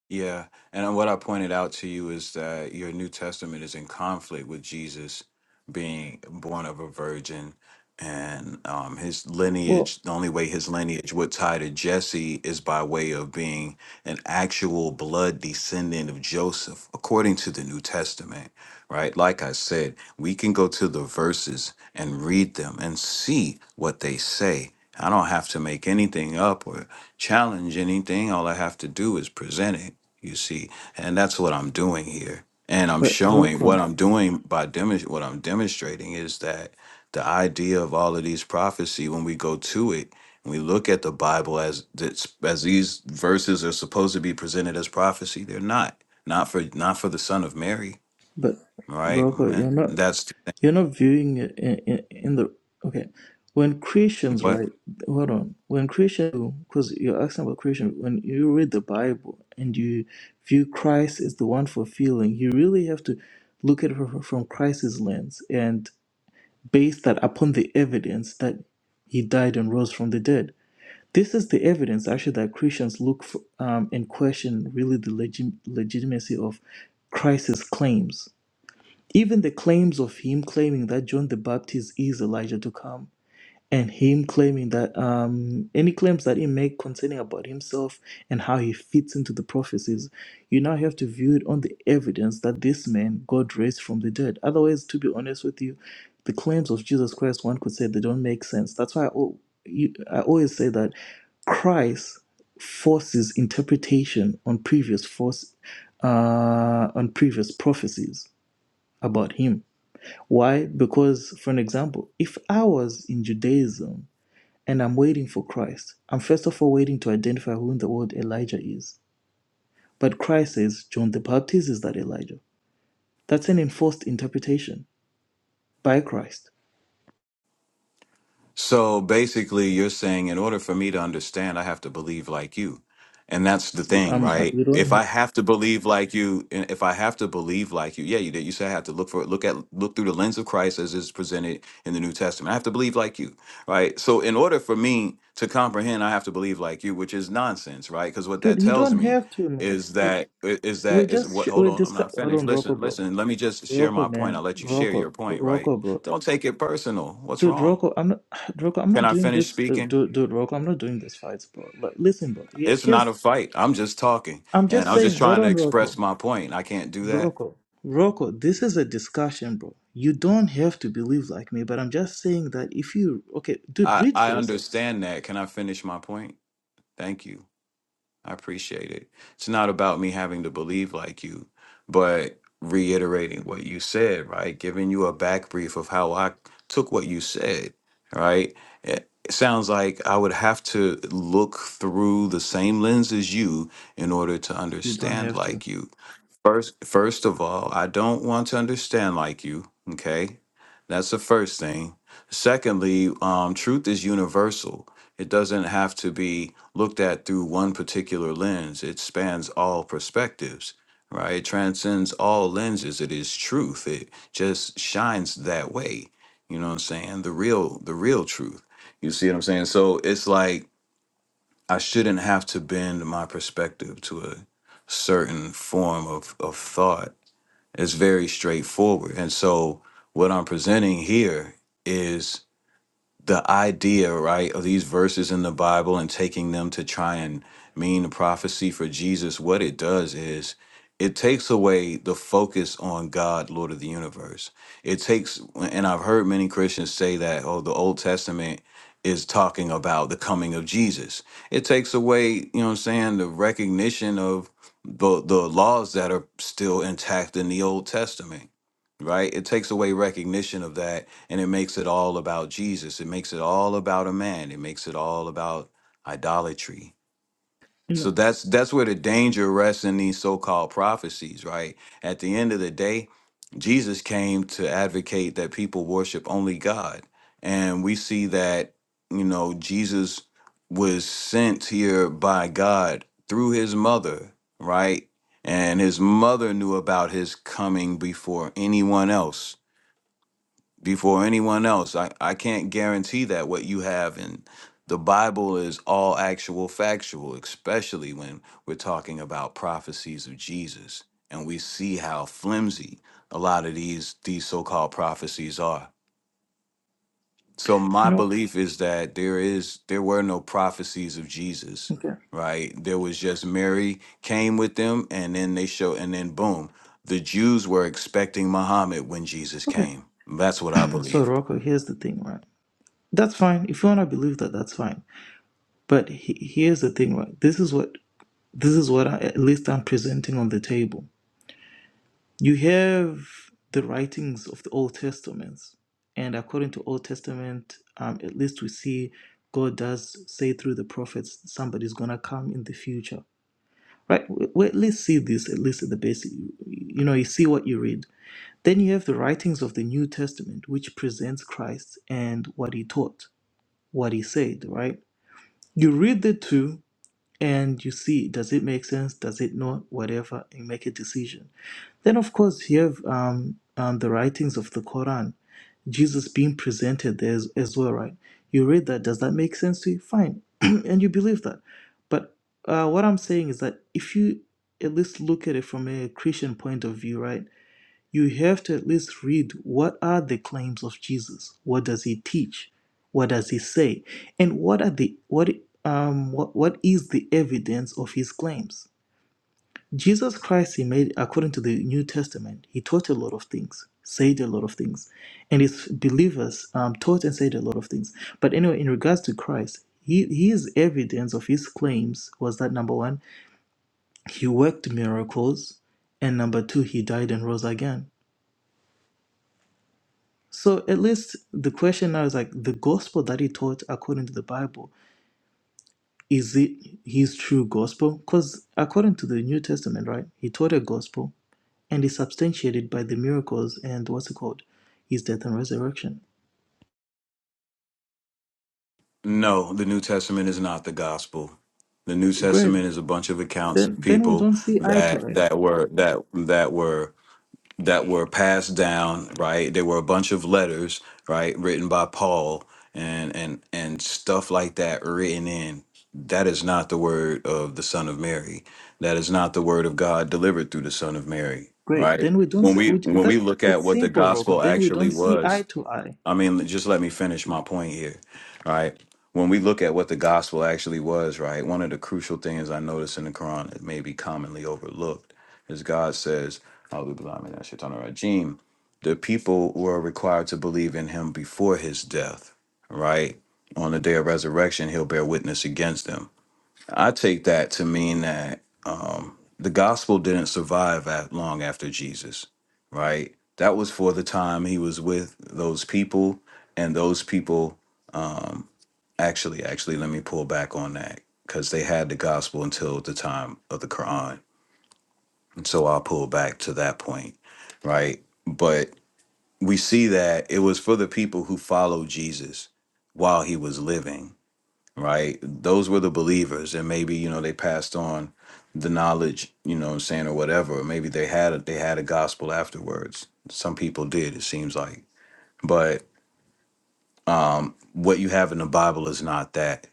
E: Yeah. And uh, what I pointed out to you is that your New Testament is in conflict with Jesus being born of a virgin and um, his
A: Well,
E: lineage, the only way his lineage would tie to Jesse is by way of being an actual blood descendant of Joseph, according to the New Testament, right? Like I said, we can go to the verses and read them and see what they say. I don't have to make anything up or challenge anything. All I have to do is present it you see, and that's what I'm doing here. And I'm
A: but
E: showing what
A: Rocco,
E: I'm doing by demonstrating what I'm demonstrating is that the idea of all of these prophecy, when we go to it and we look at the Bible as this, as these verses are supposed to be presented as prophecy, they're not. Not for not for the son of Mary,
A: but
E: right?
A: Rocco,
E: And
A: you're not
E: that's
A: You're not viewing it in, in, in the okay. When Christians,
E: what
A: right? Hold on. When Christian, because you're asking about Christian, when you read the Bible and you view Christ as the one fulfilling, you really have to look at it from from Christ's lens and base that upon the evidence that he died and rose from the dead. This is the evidence actually that Christians look for um, and question really the legi- legitimacy of Christ's claims even the claims of him claiming that John the Baptist is Elijah to come, and him claiming that um, any claims that he make concerning about himself and how he fits into the prophecies, you now have to view it on the evidence that this man God raised from the dead. Otherwise, to be honest with you, the claims of Jesus Christ, one could say they don't make sense. That's why I, al- you, I always say that Christ forces interpretation on previous force uh, on previous prophecies about him why? Because, for an example, if I was in Judaism and I'm waiting for Christ, I'm first of all waiting to identify who in the world Elijah is. But Christ says John the Baptist is that Elijah. That's an enforced interpretation by Christ.
E: So basically, you're saying in order for me to understand, I have to believe like you. And that's the thing,
A: Um, uh,
E: right?
A: you don't
E: If I
A: have,
E: have to believe like you, and if I have to believe like you, yeah, you did. You said I have to look for it, look at look through the lens of Christ as is presented in the New Testament. I have to believe like you, right? So in order for me to comprehend, I have to believe like you, which is nonsense, right? Because what that
A: dude. You
E: tells
A: don't
E: me
A: have to, man.
E: is
A: Like
E: that is
A: we're
E: that is
A: just sh-
E: what hold
A: we're
E: on, I'm
A: discuss.
E: not
A: Hold
E: finished.
A: on, Rocco,
E: Listen,
A: bro.
E: listen, let me just share
A: Rocco,
E: my point. I'll
A: man.
E: let you share your
A: Rocco,
E: point, right?
A: Rocco, bro.
E: Don't take it personal. What's
A: Dude,
E: wrong?
A: Rocco, I'm not, Rocco, I'm
E: Can
A: not
E: I
A: doing
E: finish
A: this. uh,
E: speaking?
A: Dude, dude, Rocco, I'm not doing this fights, bro. Like, listen, bro. Here-
E: It's not
A: Here's
E: a fight. I'm just talking
A: I'm
E: and
A: just
E: I'm just
A: saying, hold
E: trying to
A: on,
E: express
A: Rocco.
E: my point. I can't do that.
A: Rocco. Rocco, this is a discussion, bro. You don't have to believe like me, but I'm just saying that if you okay, dude,
E: I,
A: read
E: I
A: for yourself.
E: understand that. Can I finish my point? Thank you. I appreciate it. It's not about me having to believe like you, but reiterating what you said, right? Giving you a back brief of how I took what you said, right? It it sounds like I would have to look through the same lens as you in order to
A: You don't
E: understand
A: have to.
E: like you First, first of all, I don't want to understand like you. Okay, that's the first thing. Secondly, um, truth is universal. It doesn't have to be looked at through one particular lens. It spans all perspectives, right? It transcends all lenses. It is truth. It just shines that way. You know what I'm saying? The real, the real truth. You see what I'm saying? So it's like I shouldn't have to bend my perspective to a certain form of, of thought. It's very straightforward. And so what I'm presenting here is the idea, right, of these verses in the Bible and taking them to try and mean the prophecy for Jesus, what it does is it takes away the focus on God, Lord of the universe. It takes, and I've heard many Christians say that, oh, the Old Testament is talking about the coming of Jesus. It takes away, you know what I'm saying, the recognition of the, the laws that are still intact in the Old Testament, right? It takes away recognition of that and it makes it all about Jesus. It makes it all about a man. It makes it all about idolatry.
A: You
E: So
A: know.
E: that's that's where the danger rests in these so-called prophecies, right? At the end of the day, Jesus came to advocate that people worship only God. And we see that, you know, Jesus was sent here by God through his mother, right? And his mother knew about his coming before anyone else before anyone else. I, I can't guarantee that what you have in the Bible is all actual factual, especially when we're talking about prophecies of Jesus and we see how flimsy a lot of these these so-called prophecies are. So
A: You
E: my
A: know.
E: belief is that there is there were no prophecies of Jesus,
A: Okay.
E: right? There was just Mary came with them and then they show and then boom, the Jews were expecting Muhammad when Jesus
A: Okay.
E: came. That's what I
A: So
E: believe.
A: Rocco, here's the thing, right? That's fine. If you wanna believe that, that's fine. But he, here's the thing, right? This is what this is what I, at least I'm presenting on the table. You have the writings of the Old Testament, and according to Old Testament, um, at least we see God does say through the prophets somebody's gonna come in the future, right? We, we at least see this at least at the basic. You know, you see what you read. Then you have the writings of the New Testament, which presents Christ and what he taught, what he said, right? You read the two and you see does it make sense, does it not, whatever, and make a decision then, of course, you have um, um, the writings of the Quran, Jesus being presented there as, as well, right? You read that. Does that make sense to you? Fine. and you believe that. But uh, what I'm saying is that if you at least look at it from a Christian point of view, right, you have to at least read what are the claims of Jesus? What does he teach? What does he say? And what are the what um what, what is the evidence of his claims? Jesus Christ, he made, according to the New Testament, he taught a lot of things, said a lot of things, and his believers um, taught and said a lot of things. But anyway, in regards to Christ, he, his evidence of his claims was that number one, he worked miracles, and number two, he died and rose again. So at least the question now is like the gospel that he taught according to the Bible, is it his true gospel? Because according to the New Testament, right, he taught a gospel and is substantiated by the miracles and what's it called his death and resurrection
E: No, the New Testament is not the gospel. The New
A: great
E: Testament is a bunch of accounts
A: then
E: of
A: then we
E: people
A: don't see eye
E: that
A: to eye
E: that were that that were that were passed down, right? There were a bunch of letters, right, written by Paul and and and stuff like that written in. That is not the word of the Son of Mary. That is not the word of God delivered through the Son of Mary,
A: great
E: right?
A: then we don't
E: When
A: see
E: we
A: we,
E: when we
A: that
E: look at
A: it's
E: what the
A: simple Rocco.
E: gospel
A: then we
E: actually
A: don't see
E: was,
A: eye to eye
E: I mean, just let me finish my point here, right? When we look at what the gospel actually was, right, one of the crucial things I notice in the Quran that may be commonly overlooked is God says, "A'udhu billahi minash shaitanir rajim," the people were required to believe in him before his death, right? On the day of resurrection, he'll bear witness against them. I take that to mean that um, the gospel didn't survive at long after Jesus, right? That was for the time he was with those people, and those people um, actually, actually, let me pull back on that because they had the gospel until the time of the Quran, and so I'll pull back to that point, right? But we see that it was for the people who followed Jesus while he was living right? Those were the believers, and maybe you know they passed on the knowledge, you know, what I'm saying or whatever. Maybe they had a, they had a gospel afterwards. Some people did, it seems like. But um, what you have in the Bible is not that,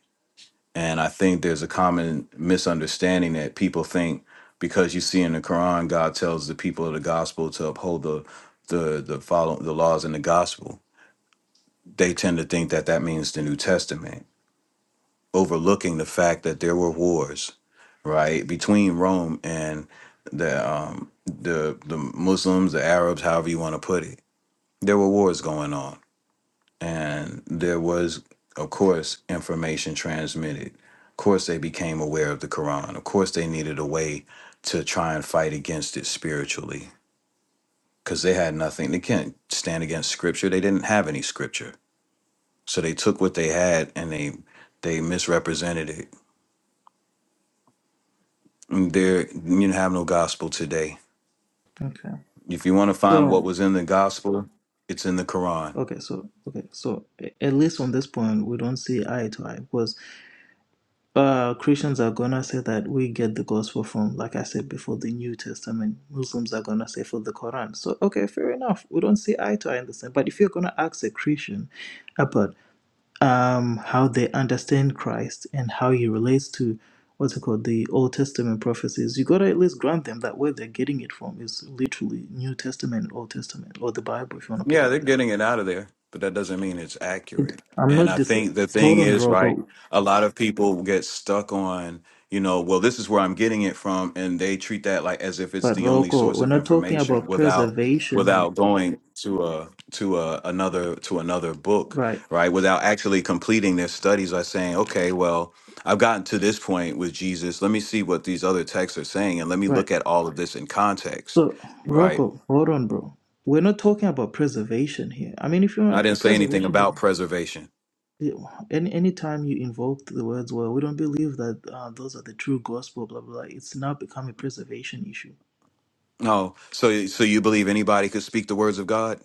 E: and I think there's a common misunderstanding that people think because you see in the Quran, God tells the people of the gospel to uphold the the the follow the laws in the gospel. They tend to think that that means the New Testament overlooking the fact that there were wars, right, between Rome and the um, the the Muslims, the Arabs, however you want to put it. There were wars going on, and there was, of course, information transmitted. Of course, they became aware of the Quran. Of course, they needed a way to try and fight against it spiritually because they had nothing. They can't stand against scripture. They didn't have any scripture, so they took what they had and they they misrepresented it There, you don't have no gospel today.
A: okay
E: If you want to find
A: so
E: what was in the gospel, it's in the Quran.
A: okay so okay so a- at least on this point we don't see eye to eye because uh christians are gonna say that we get the gospel from like i said before the new testament muslims are gonna say for the quran so okay fair enough we don't see eye to eye in the same but if you're gonna ask a christian about um, how they understand Christ and how he relates to what's it called the Old Testament prophecies, you gotta at least grant them that where they're getting it from is literally New Testament, and Old Testament, or the Bible, if you want to put it
E: Yeah, they're
A: like that.
E: getting it out of there, but that doesn't mean it's
A: It-
E: accurate.
A: I'm
E: And
A: not
E: I
A: dis.
E: think the thing
A: Hold on,
E: is,
A: Rocco.
E: a lot of people get stuck on you know well this is where i'm getting it from and they treat that like as if it's
A: But
E: the only
A: Rocco,
E: source
A: we're
E: of
A: not talking
E: information
A: about
E: without
A: preservation here,
E: without
A: bro.
E: going to a to a another to another book
A: Right,
E: right without actually completing their studies by saying okay well i've gotten to this point with jesus let me see what these other texts are saying and let me
A: right.
E: look at all of this in context
A: So
E: right
A: Rocco, hold on, bro. We're not talking about preservation here. I mean, if you
E: i didn't
A: want
E: say anything
A: preservation,
E: about preservation
A: Yeah, Any anytime you invoke the words, well, we don't believe that uh, those are the true gospel, blah blah. blah. It's now become a preservation issue.
E: no so so you believe anybody could speak the words of god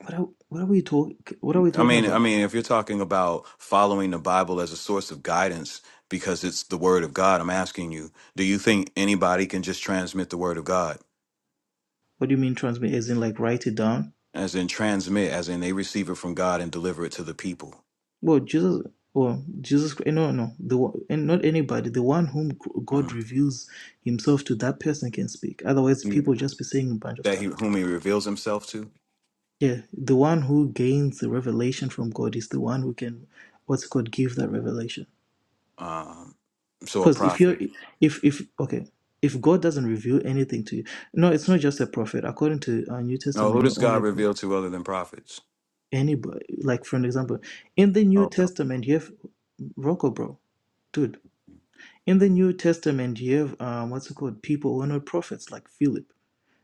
A: What are what are we talk What are we
E: I
A: talking
E: mean, I
A: about?
E: mean, if you're talking about following the Bible as a source of guidance because it's the Word of God, I'm asking you, do you think anybody can just transmit the Word of God?
A: What do you mean transmit? As in like write it down?
E: As in transmit, as in they receive it from God and deliver it to the people
A: Well, Jesus, well, Jesus, eh, no, no, the one- and not anybody. The one whom g- God
E: Mhm.
A: reveals Himself to, that person can speak. Otherwise, people just be saying a bunch of
E: that he
A: stuff.
E: whom he reveals himself to.
A: Yeah, the one who gains the revelation from God is the one who can, what's it called, give that revelation.
E: Um, so a
A: because if you're
E: prophet.
A: if if okay if god doesn't reveal anything to you no it's not just a prophet according to uh, new
E: No, who
A: testament not
E: does
A: only
E: God
A: a prophet
E: reveal to other than prophets?
A: anybody like for an example in the new testament you have rocco bro dude in the new testament you have um, what's it called people who are not prophets like philip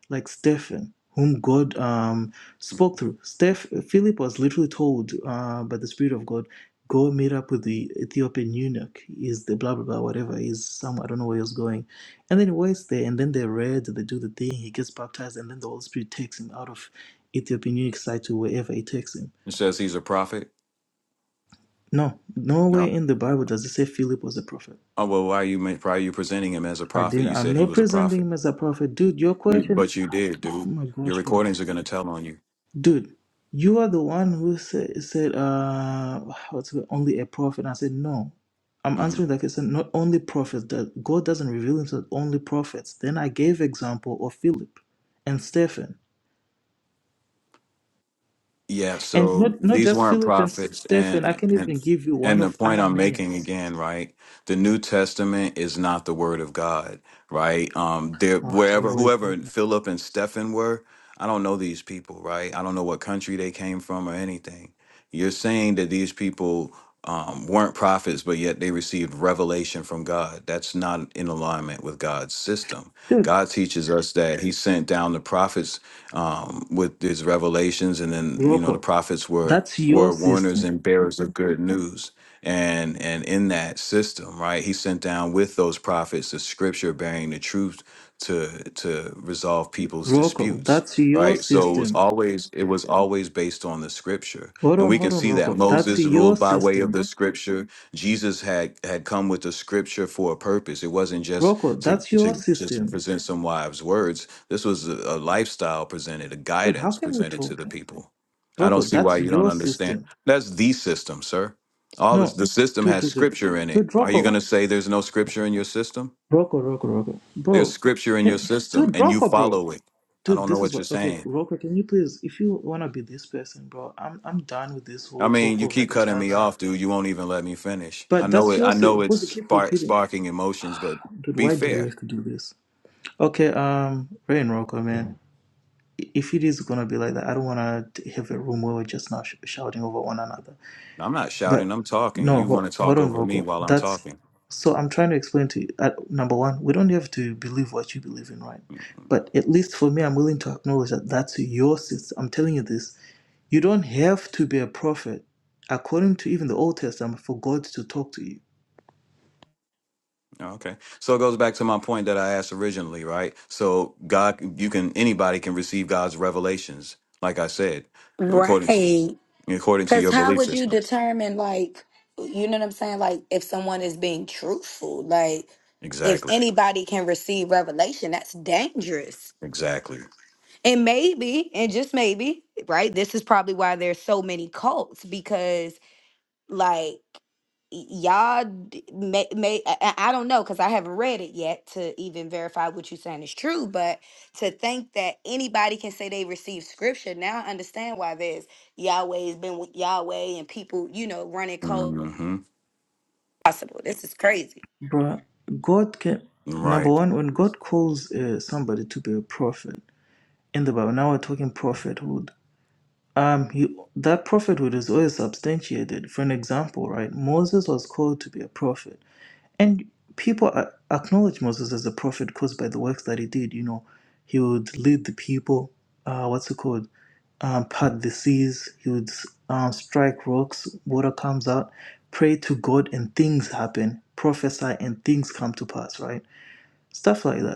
A: like Stephen, whom God um, spoke through. Steph, Philip was literally told uh, by the Spirit of God, go meet up with the Ethiopian eunuch. Is the blah blah blah whatever is some I don't know where he was going, and then he waits there, and then they read, they do the thing, he gets baptized, and then the Holy Spirit takes him out of Ethiopian eunuch side to wherever he takes him.
E: It says he's a prophet.
A: No,
E: No.
A: nowhere in the Bible does it say Philip was a prophet.
E: Oh well, why are you ma- why are you presenting him as a
A: I
E: prophet?
A: didn't.
E: You
A: I'm
E: said he
A: not
E: was a
A: presenting
E: prophet,
A: him as a prophet, dude. Your
E: You-
A: question.
E: but you did,
A: Oh
E: dude.
A: my
E: Your
A: gosh, bro.
E: recordings are going to tell on you.
A: Dude, you are the one who said, said uh, what's it, only a prophet. I said, no. I'm
E: Mm-hmm.
A: answering that question, not only prophets. That God doesn't reveal himself only prophets. Then I gave example of Philip and Stephen.
E: Yeah,
A: And
E: so
A: not, not
E: these
A: just
E: weren't
A: Philip and S-
E: prophets
A: Stephen. I
E: and
A: can
E: and
A: even give you
E: and
A: one
E: the
A: of
E: point I'm making
A: Ananias.
E: again, right? The New Testament is not the word of God, right? Um there
A: Oh, here
E: wherever
A: we go.
E: whoever Philip and Stephen were, I don't know these people, right? I don't know what country they came from or anything. You're saying that these people um, weren't prophets, but yet they received revelation from God. That's not in alignment with God's system.
A: Dude,
E: God teaches us that He sent down the prophets um, with these revelations, and then you know the
A: Rocco,
E: prophets were
A: that's your
E: were warners
A: system.
E: and bearers of good news. And and in that system, right, he sent down with those prophets the scripture bearing the truth to to resolve people's
A: Rocco,
E: disputes.
A: that's your
E: Right. So it was
A: system.
E: always it was always based on the scripture.
A: Hold
E: And
A: on,
E: we can
A: hold on,
E: see that
A: Rocco. That's
E: Moses
A: your
E: ruled by way of
A: system.
E: the scripture. Jesus had had come with the scripture for a purpose. It wasn't just
A: Rocco,
E: to
A: that's your
E: to just
A: system.
E: present some wives' words this was a, a lifestyle presented, a
A: Dude, how
E: guidance
A: can we
E: presented to
A: talk,
E: the
A: man?
E: people. I don't
A: Rocco,
E: see why
A: that's
E: you don't
A: your
E: understand.
A: system.
E: That's the system, sir. All this,
A: No,
E: the system
A: dude,
E: has
A: dude, dude,
E: scripture in it.
A: dude,
E: Are you going
A: Rocco,
E: to say there's no scripture in your system?
A: Rocco, Rocco, Rocco,
E: There's
A: bro,
E: scripture in your
A: can,
E: system,
A: dude,
E: and you
A: Rocco, bro,
E: follow it. I
A: dude,
E: don't know
A: this is
E: what you're
A: what. Okay,
E: saying.
A: Rocco, can you please, if you wanna be this person, bro, I'm, I'm done with this
E: I
A: whole
E: mean,
A: talk
E: you
A: over
E: keep
A: each
E: cutting me
A: other.
E: off, dude. You won't even let me finish. I
A: But
E: know
A: that's
E: it.
A: your
E: I know
A: system.
E: it's
A: Because you keep
E: spark,
A: repeating,
E: sparking emotions, but
A: dude.
E: be
A: Why do we
E: fair.
A: have to do this? Okay, um, Ray and Rocco, man. i- If it is gonna be like that, I don't wanna t- have a room where we're just now sh- shouting over one another.
E: I'm not shouting.
A: But
E: I'm talking.
A: no,
E: You
A: ho-
E: want to
A: hold
E: talk
A: on,
E: over me
A: Rocco.
E: while I'm
A: That's
E: talking.
A: so I'm trying to explain to you. Uh, number one, we don't have to believe what you believe in, right? But at least for me, I'm willing to acknowledge that that's your system. I'm telling you this. You don't have to be a prophet, according to even the Old Testament, for God to talk to you,
E: Oh, Okay. So it goes back to my point that I asked originally, right? So God, you can, anybody can receive God's revelations, like I said, according to,
D: Right.
E: according to
D: Because
E: your
D: how
E: belief
D: would you
E: system.
D: determine, like, you know what I'm saying? Like, if someone is being truthful, like, if
E: Exactly.
D: anybody can receive revelation, that's dangerous.
E: Exactly.
D: And maybe, and just maybe, right? This is probably why there's so many cults because like y'all d- may, may I, I I don't know because I haven't read it yet to even verify what you're saying is true. But to think that anybody can say they received scripture now, I understand why there's Yahweh's been with Yahweh and people, you know, running cold.
E: hmm
D: Possible. This is crazy.
A: Bruh, God can.
E: Right.
A: Number one, when God calls uh, somebody to be a prophet in the Bible, now we're talking prophethood. Um, he, that prophethood is always substantiated. For an example, right, Moses was called to be a prophet, and people a- acknowledge Moses as a prophet because by the works that he did, you know, he would lead the people. Uh, what's it called? Um, part the seas. He would um, strike rocks. Water comes out. Pray to God, and things happen. Prophesy, and things come to pass. Right, stuff like that.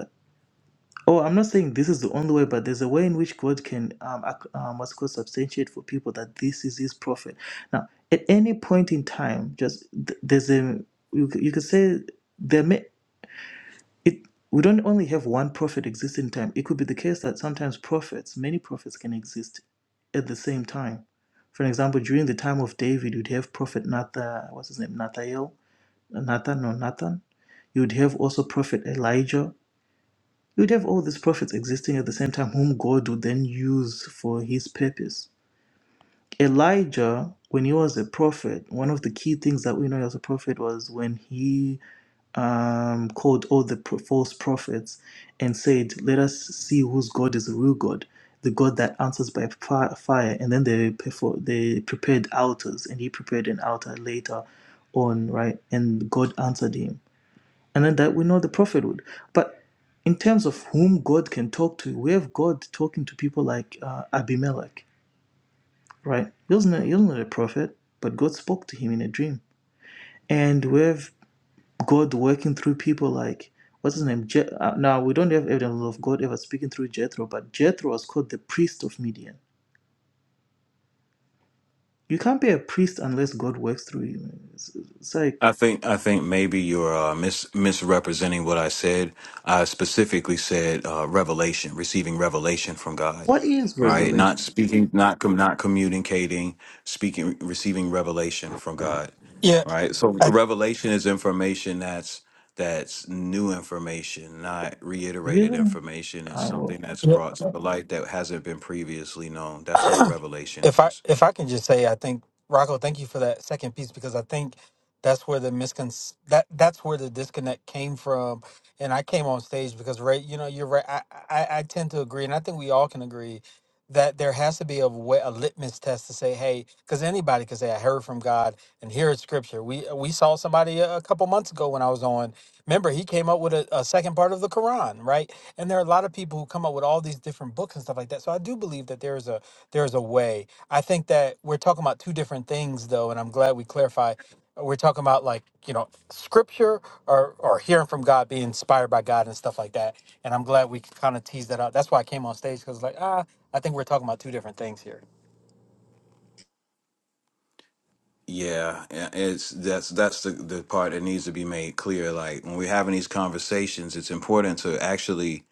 A: Oh, I'm not saying this is the only way, but there's a way in which God can, um, ac- um, what's it called, substantiate for people that this is His prophet. Now, at any point in time, just th- there's a you, c- you could say there may it we don't only have one prophet exist in time. It could be the case that sometimes prophets, many prophets, can exist at the same time. For example, during the time of David, you'd have prophet Nathan, what's his name, Nathael, Nathan or Nathan. You'd have also prophet Elijah you would have all these prophets existing at the same time, whom God would then use for his purpose. Elijah, when he was a prophet, one of the key things that we know as a prophet was when he um, called all the pro- false prophets and said, Let us see whose God is the real God, the God that answers by fi- fire. And then they, perfor- they prepared altars, and he prepared an altar later on, right? And God answered him and then that we know the prophet would. But in terms of whom God can talk to, we have God talking to people like uh, Abimelech, right? He was, not, he was not a prophet, but God spoke to him in a dream. And we have God working through people like, what's his name? Je- uh, now, we don't have evidence of God ever speaking through Jethro, but Jethro was called the priest of Midian. You can't be a priest unless God works through you. It's, it's like,
E: I think I think maybe you're uh, mis- misrepresenting what I said. I specifically said uh, revelation, receiving revelation from God,
A: what is
E: right? Not
A: revelation?
E: speaking, not com- not communicating, speaking, receiving revelation from God,
F: Yeah,
E: right? So
F: I,
E: revelation is information that's that's new information, not reiterated
A: Really?
E: information. It's
A: I
E: something
A: will.
E: that's
F: yeah.
E: brought to the light that hasn't been previously known. That's what a revelation
F: if I
E: is.
F: if I can just say, I think Rocco, thank you for that second piece because I think that's where the miscon that that's where the disconnect came from. And I came on stage because Ray, you know, you're right. I, I I tend to agree, and I think we all can agree that there has to be a way, a litmus test to say, hey, because anybody could say, I heard from God, and here is scripture. We uh, we saw somebody a, a couple months ago when I was on. Remember, he came up with a, a second part of the Quran, right? And there are a lot of people who come up with all these different books and stuff like that. So I do believe that there is a there is a way. I think that we're talking about two different things, though, and I'm glad we clarify. We're talking about like, you know, scripture or or hearing from God, being inspired by God and stuff like that. And I'm glad we kind of teased that out. That's why I came on stage because like, ah, I think we're talking about two different things here.
E: Yeah, yeah, it's that's that's the the part that needs to be made clear. Like when we're having these conversations, it's important to actually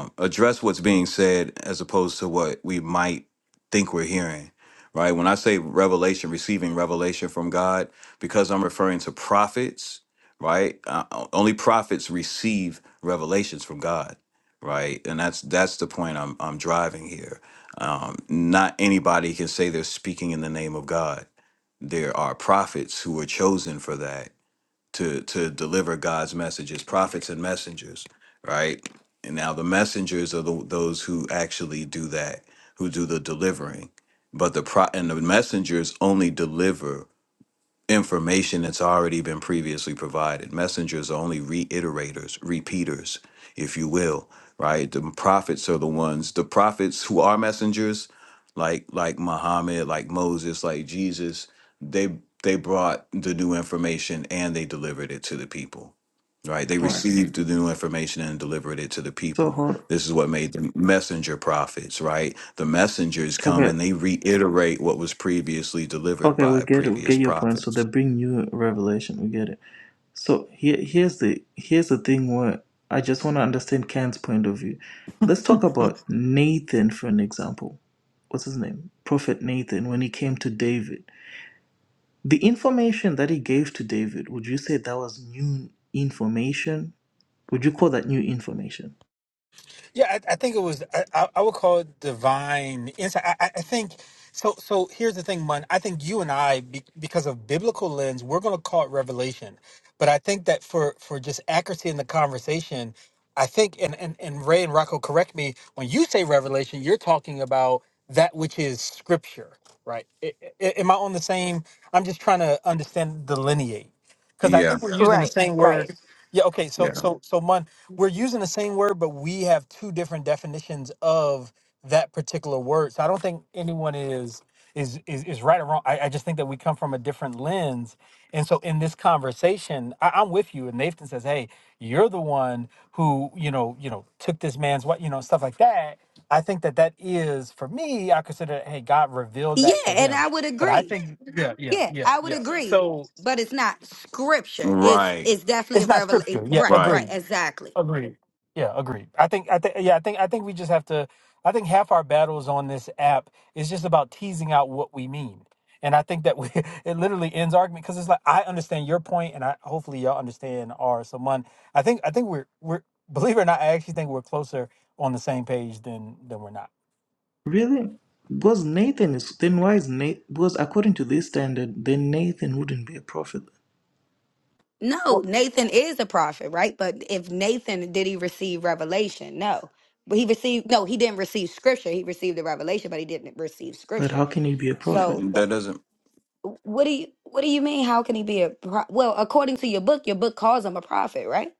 E: um, address what's being said as opposed to what we might think we're hearing. Right? When I say revelation, receiving revelation from God, because I'm referring to prophets, right? Uh, only prophets receive revelations from God, right? And that's that's the point I'm I'm driving here. Um, not anybody can say they're speaking in the name of God there are prophets who are chosen for that to to deliver God's messages, prophets and messengers, right? And now the messengers are the, those who actually do that, who do the delivering. But the pro and the messengers only deliver information that's already been previously provided. Messengers are only reiterators, repeaters, if you will, right? The prophets are the ones, the prophets who are messengers, like like Muhammad, like Moses, like Jesus, they they brought the new information and they delivered it to the people. Right? They
A: All right.
E: received the new information and delivered it to the
A: So
E: people
A: hold.
E: this is what made the messenger prophets, right? The messengers come
A: Okay.
E: and they reiterate what was previously delivered
A: Okay, we
E: by
A: get it. We
E: previous
A: get your point. So they
E: prophets.
A: bring new revelation. We get it. So here, here's the here's the thing. Where I just want to understand Ken's point of view. Let's talk about Nathan for an example. What's his name? Prophet Nathan. When he came to David, the information that he gave to David, would you say that was new information? Would you call that new information?
F: Yeah, I, I think it was. I, I I would call it divine insight. I, I I think so. So here's the thing, Mun. I think you and I, be, because of biblical lens, we're going to call it revelation. But I think that for for just accuracy in the conversation, I think and and and Ray and Rocco, correct me when you say revelation, you're talking about that which is scripture, right? I I am I on the same? I'm just trying to understand delineate because I
E: Yeah,
F: think we're Yeah. using the
D: Right,
F: same word.
D: right.
F: Yeah, okay. So
E: yeah.
F: so so Mun, we're using the same word, but we have two different definitions of that particular word. So I don't think anyone is is is, is right or wrong. I, I just think that we come from a different lens. And so in this conversation, I, I'm with you. And Nathan says, Hey, you're the one who, you know, you know, took this man's what, you know, stuff like that. I think that that is for me. I consider, it, hey, God revealed
D: Yeah,
F: that to
D: and
F: him.
D: I would
F: But I
D: agree.
F: think, yeah, yeah,
D: Yeah,
F: yeah,
D: I would
F: yeah.
D: agree.
F: So
D: But it's not scripture. It's
E: Right,
D: it's definitely
F: it's
D: a
F: not
D: revelation.
F: scripture. Yeah,
D: Right,
E: right.
D: right,
F: agreed.
D: exactly.
F: Agreed. Yeah, agreed. I think I think yeah, I think I think we just have to I think half our battles on this app is just about teasing out what we mean. And I think that we it literally ends argument because it's like I understand your point and I hopefully y'all understand ours. So one I think I think we're we're believe it or not, I actually think we're closer on the same page than than we're not.
A: Really? Because Nathan is then why is Nathan? Because according to this standard, then Nathan wouldn't be a prophet.
D: No,
F: Well,
D: Nathan is a prophet, right? But if Nathan did he receive revelation? No. But he received no, he didn't receive scripture. He received the revelation, but he didn't receive
A: But
D: scripture.
A: how can he be a prophet?
D: So
E: Mm, That doesn't,
D: th- what do you what do you mean how can he be a pro- well, according to your book, your book calls him a prophet, right?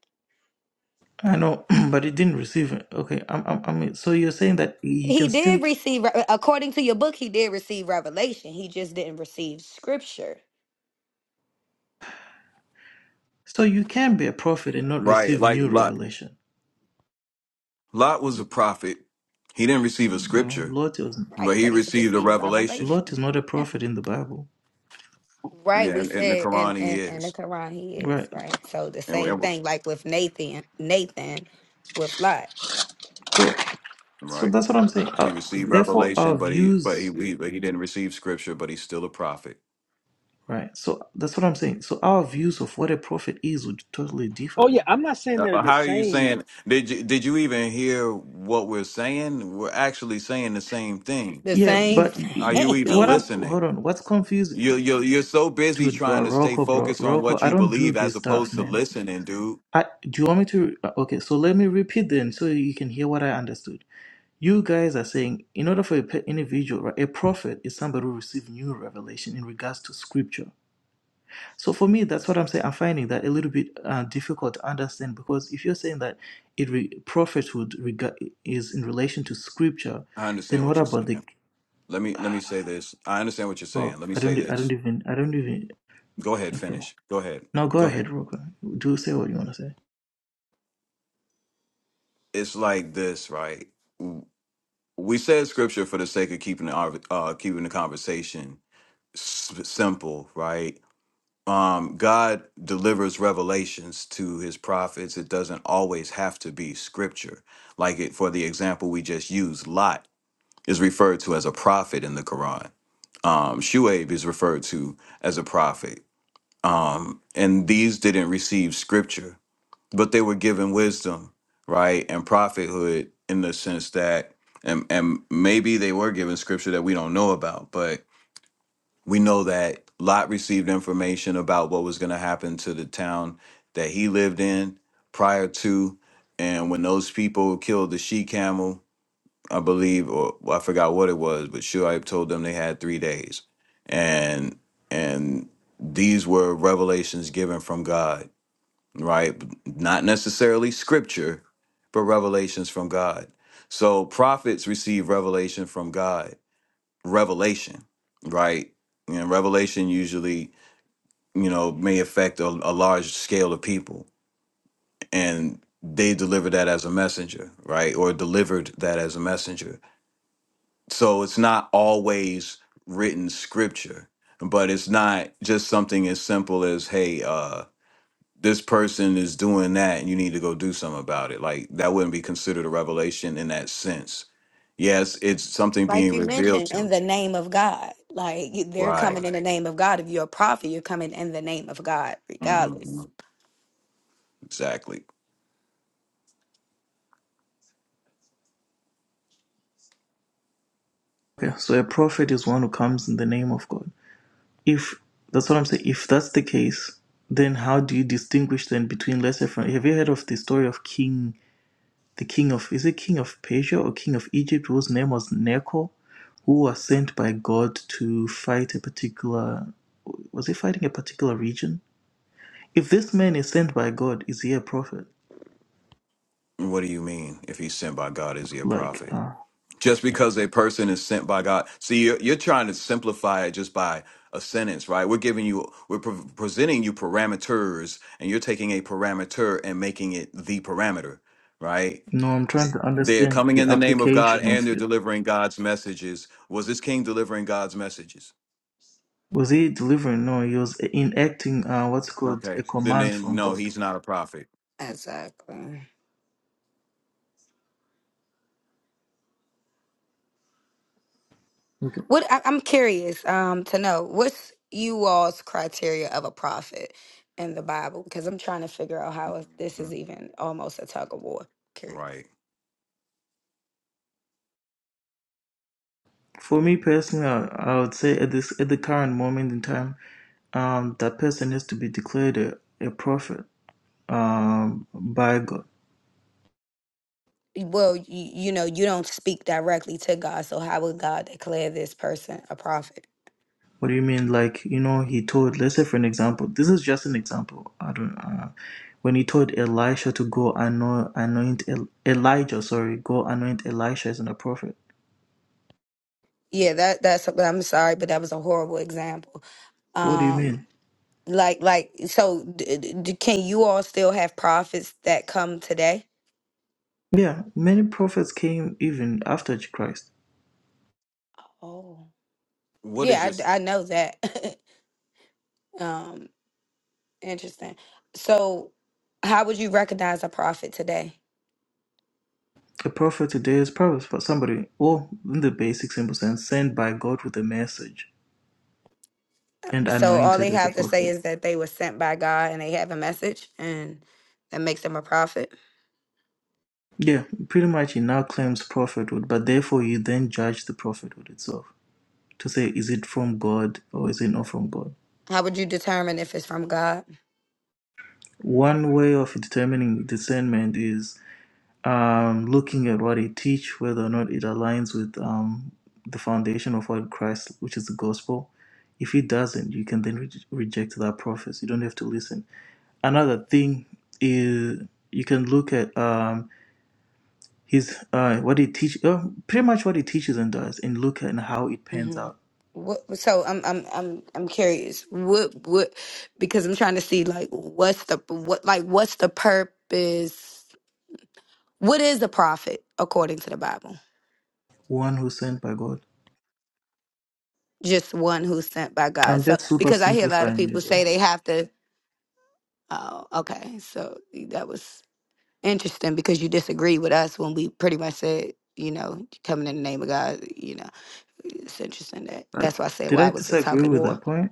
A: I know, but it didn't receive it. Okay, I'm, I'm, I mean, so you're saying that you
D: He
A: can still,
D: did receive re- according to your book, he did receive revelation. He just didn't receive scripture.
A: so you can be a prophet and not
E: right.
A: receive
E: Like
A: new
E: Lot,
A: revelation.
E: Lot was a prophet. He didn't receive a
A: No,
E: scripture,
A: Lot is,
E: but
D: Right,
E: he
D: but he's
E: received a
D: received
E: revelation.
A: Lot
D: revelation.
A: is not a
D: Yeah.
A: prophet in the Bible,
D: Right,
E: Yeah,
D: we
E: and in the
D: said and
E: Quran he
D: and and the
E: is.
D: Quran he is,
A: right?
D: right? So the
E: And,
D: same
E: and
D: thing like with Nathan, Nathan with Lot.
A: So, so
E: right.
A: that's what I'm saying. Uh,
E: He received
A: therefore,
E: revelation,
A: our
E: but he but he,
A: views,
E: he but he didn't receive scripture, but he's still a prophet.
A: right? So that's what I'm saying. So our views of what a prophet is would totally differ
F: oh yeah,
A: then.
F: I'm not saying
E: Uh,
F: they're
E: uh,
F: the
E: How are you
F: same
E: saying? Did you did you even hear what we're saying? We're actually saying the same thing.
D: The
A: Yeah,
D: same
A: but
E: Are you even
A: what
D: thing.
A: I'm,
E: listening?
A: hold on, what's
E: You
A: confusing,
E: you you're so busy
A: dude, bro,
E: trying to stay
A: Rocco, bro,
E: focused on
A: Rocco,
E: what
A: I
E: you
A: don't do
E: believe as
A: this stuff,
E: opposed to
A: man.
E: listening, dude.
A: I, do you want me to? uh, Okay, so let me repeat then so you can hear what I understood. You guys are saying, in order for an individual, right, a prophet is somebody who received new revelation in regards to scripture. So for me, that's what I'm saying. I'm finding that a little bit uh, difficult to understand because if you're saying that it re- prophethood rega- is in relation to scripture,
E: I understand
A: then what
E: what you're
A: about the?
E: saying. Let me let me say this. I understand what you're
A: Oh,
E: saying. Let me
A: I
E: say
A: don't, I don't
E: this.
A: even, I don't even.
E: Go ahead,
A: Okay,
E: finish. Go ahead.
A: now go
E: Go ahead.
A: ahead, Roka. Do say what you want to say.
E: It's like this, right? We said scripture for the sake of keeping the uh, keeping the conversation s- simple, right? um, God delivers revelations to his prophets. It doesn't always have to be scripture. Like it, for the example we just used, Lot is referred to as a prophet in the Quran. Um, Shuaib is referred to as a prophet. Um, and these didn't receive scripture, but they were given wisdom, right? And prophethood in the sense that, and, and maybe they were given scripture that we don't know about, we know that Lot received information about what was going to happen to the town that he lived in prior to. And when those people killed the she camel, I believe, or well, I forgot what it was, but Shuaib told them they had three days. And and these were revelations given from God, right? Not necessarily scripture, but revelations from God. So prophets receive revelation from God revelation, right? You know, revelation usually, you know, may affect a, a large scale of people, and they deliver that as a messenger, right? Or delivered that as a messenger. So it's not always written scripture, but it's not just something as simple as, hey, uh, this person is doing that and you need to go do something about it. Like that wouldn't be considered a revelation in that sense. Yes, it's something
D: Like
E: being
D: you
E: revealed
D: mentioned,
E: to
D: in
E: you.
D: the name of God. Like you- they're
E: Right.
D: coming in the name of God. If you're a prophet, you're coming in the name of God, regardless.
E: Mhm. Exactly.
A: Okay, so a prophet is one who comes in the name of God. If that's what I'm saying, if that's the case, then how do you distinguish then between lesser from? Have you heard of the story of King, the king of is it king of Persia or king of Egypt, whose name was Necho, who was sent by God to fight a particular, was he fighting a particular region? If this man is sent by God, is he a prophet?
E: What do you mean? If he's sent by God, is he a
A: Like,
E: prophet?
A: uh,
E: Just because a person is sent by God, see, you're, you're trying to simplify it just by a sentence, right? We're giving you, we're pre- presenting you parameters, and you're taking a parameter and making it the parameter, right?
A: no, I'm trying to
E: They're
A: understand
E: coming
A: the
E: in the name of God
A: application
E: and
A: of
E: they're
A: it.
E: delivering God's messages. Was this king delivering God's messages?
A: Was he delivering? No, he was enacting uh, what's called
E: Okay.
A: a
E: Then,
A: command
E: then
A: from
E: no,
A: God.
E: he's not a prophet.
D: Exactly.
A: Okay.
D: What I, I'm curious um to know, what's you all's criteria of a prophet in the Bible? Because I'm trying to figure out how this
E: Mhm.
D: is even almost a tug of war.
E: Right.
A: For me personally, I, I would say at this at the current moment in time, um, that person has to be declared a, a prophet um, by God.
D: well, you, you know, you don't speak directly to God, so how would God declare this person a prophet?
A: What do you mean? Like you know, he told. Let's say for an example, this is just an example. I don't. Uh, when he told Elisha to go anoint, anoint El- Elijah, sorry, go anoint Elisha as a prophet.
D: Yeah, that that's. But I'm sorry, but that was a horrible example.
A: What do you
D: Um,
A: mean?
D: like like so, d- d- d- can you all still have prophets that come today?
A: Yeah, many prophets came even after Christ.
D: Oh,
E: What is
D: yeah, I I
E: your,
D: know that. um, interesting. So, how would you recognize a prophet today?
A: A prophet today is probably for somebody, or in the basic simple sense, sent by God with a message and
D: So all they
A: anointed as a
D: have to say
A: prophet.
D: is that they were sent by God and they have a message, and that makes them a prophet.
A: Yeah, pretty much he now claims prophethood, but therefore you then judge the prophethood itself to say, is it from God or is it not from God?
D: How would you determine if it's from God?
A: One way of determining discernment is um, looking at what they teach, whether or not it aligns with um, the foundation of what Christ, which is the gospel. If it doesn't, you can then re- reject that prophet. You don't have to listen. Another thing is you can look at. Um, He's uh, what he teach, uh, pretty much what he teaches and does, and look at how it pans
D: hmm
A: out.
D: What, so I'm I'm I'm I'm curious. What what? Because I'm trying to see like what's the what like what's the purpose? What is a prophet according to the Bible?
A: One who's sent by God.
D: Just one who's sent by God.
A: I'm
D: So
A: just super
D: because I hear a lot of
A: simplifying
D: people
A: it,
D: say
A: bro.
D: they have to. Oh, okay. So that was interesting because you disagree with us when we pretty much said you know coming in the name of God. You know, it's interesting that
A: But
D: that's why I said
A: did
D: why
A: I
D: it was a
A: disagree
D: tug of
A: with
D: war.
A: that point?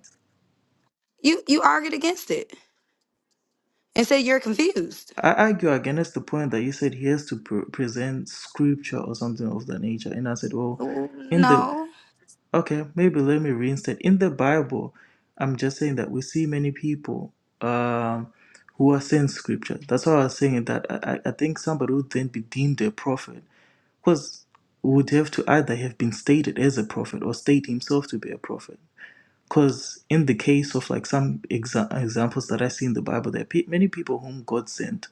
D: You you argued against it and said you're confused.
A: I argue against the point that you said he has to pre- present scripture or something of that nature, and I said, well, in the
D: No.
A: okay, maybe let me reinstate in the Bible. I'm just saying that we see many people um, who are saying scripture. That's why I was saying that I, I I think somebody would then be deemed a prophet Because would have to either have been stated as a prophet or state himself to be a prophet. Because in the case of like some exa- examples that I see in the Bible, there are pe- many people whom God sent,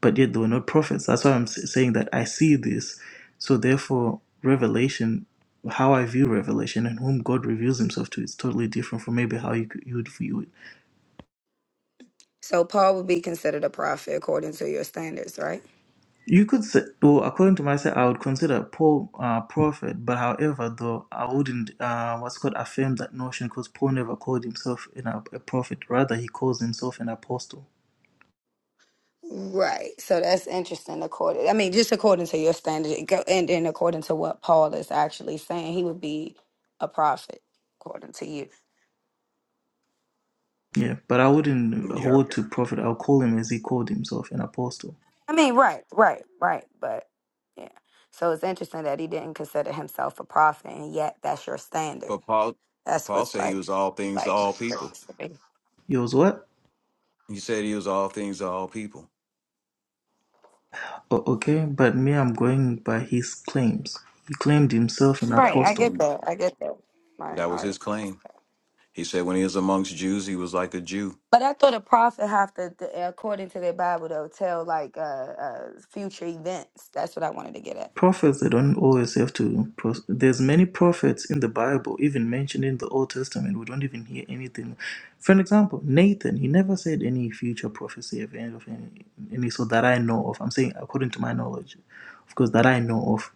A: but yet they were not prophets. That's why I'm s- saying that I see this. So therefore, revelation, how I view revelation and whom God reveals himself to, is totally different from maybe how you, could- you would view it.
D: So Paul would be considered a prophet according to your standards, right?
A: You could say, well, according to myself, I would consider Paul uh, prophet, but however, though, I wouldn't, uh, what's called, affirm that notion because Paul never called himself you know, a prophet. Rather, he calls himself an apostle.
D: Right. So that's interesting. According, I mean, just according to your standard, it go- and then according to what Paul is actually saying, he would be a prophet according to you.
A: Yeah, but I wouldn't
E: yep.
A: hold to prophet. I'll call him as he called himself, an apostle.
D: I mean, right, right, right. But yeah. So it's interesting that he didn't consider himself a prophet, and yet that's your standard.
E: But Paul,
D: That's
E: Paul
D: what's
E: said he
D: like,
E: was all things to
D: like.
E: all people.
A: He was what?
E: He said he was all things to all people.
A: O- okay, but me, I'm going by his claims. He claimed himself an
E: And that
D: Right, I
E: was
A: apostle.
D: get that. I get that. My
E: that was his
D: argument.
E: claim. He said when he was amongst Jews, he was like a Jew.
D: But I thought a prophet have to, th- according to their Bible, though, tell like uh, uh future events. That's what I wanted to get at.
A: prophets they don't always have to pros- there's many prophets in the bible even mentioned in the old testament we don't even hear anything for an example nathan he never said any future prophecy of any of any, any so that i know of i'm saying according to my knowledge of course that i know of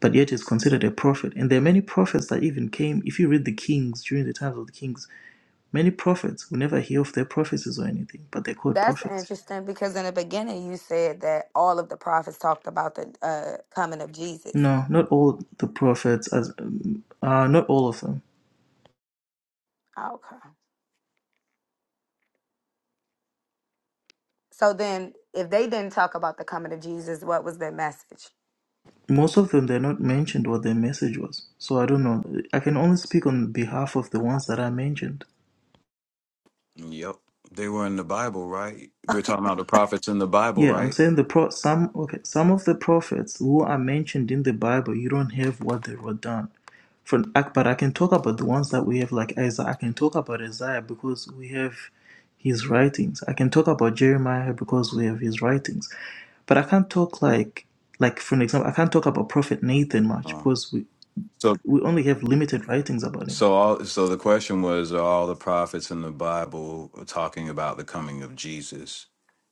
A: but yet is considered a prophet and there are many prophets that even came if you read the kings during the times of the kings many prophets we never hear of their prophecies or anything but they're called
D: That's
A: prophets
D: interesting because in the beginning you said that all of the prophets talked about the uh, coming of Jesus.
A: no not all the prophets as um, uh, not all of them
D: Okay. So then, if they didn't talk about the coming of Jesus, what was their message?
A: most of them they're not mentioned what their message was so i don't know i can only speak on behalf of the ones that i mentioned
E: Yep, they were in the Bible, right? We're talking about the prophets in the Bible,
A: yeah i'm
E: right?
A: saying the pro some okay some of the prophets who are mentioned in the bible you don't have what they wrote down For, but i can talk about the ones that we have like isaiah i can talk about isaiah because we have his writings i can talk about jeremiah because we have his writings but i can't talk like like for an example i can't talk about prophet nathan much
E: Um,
A: because we
E: so
A: we only have limited writings about him
E: so all so the question was: Are all the prophets in the Bible talking about the coming of Jesus?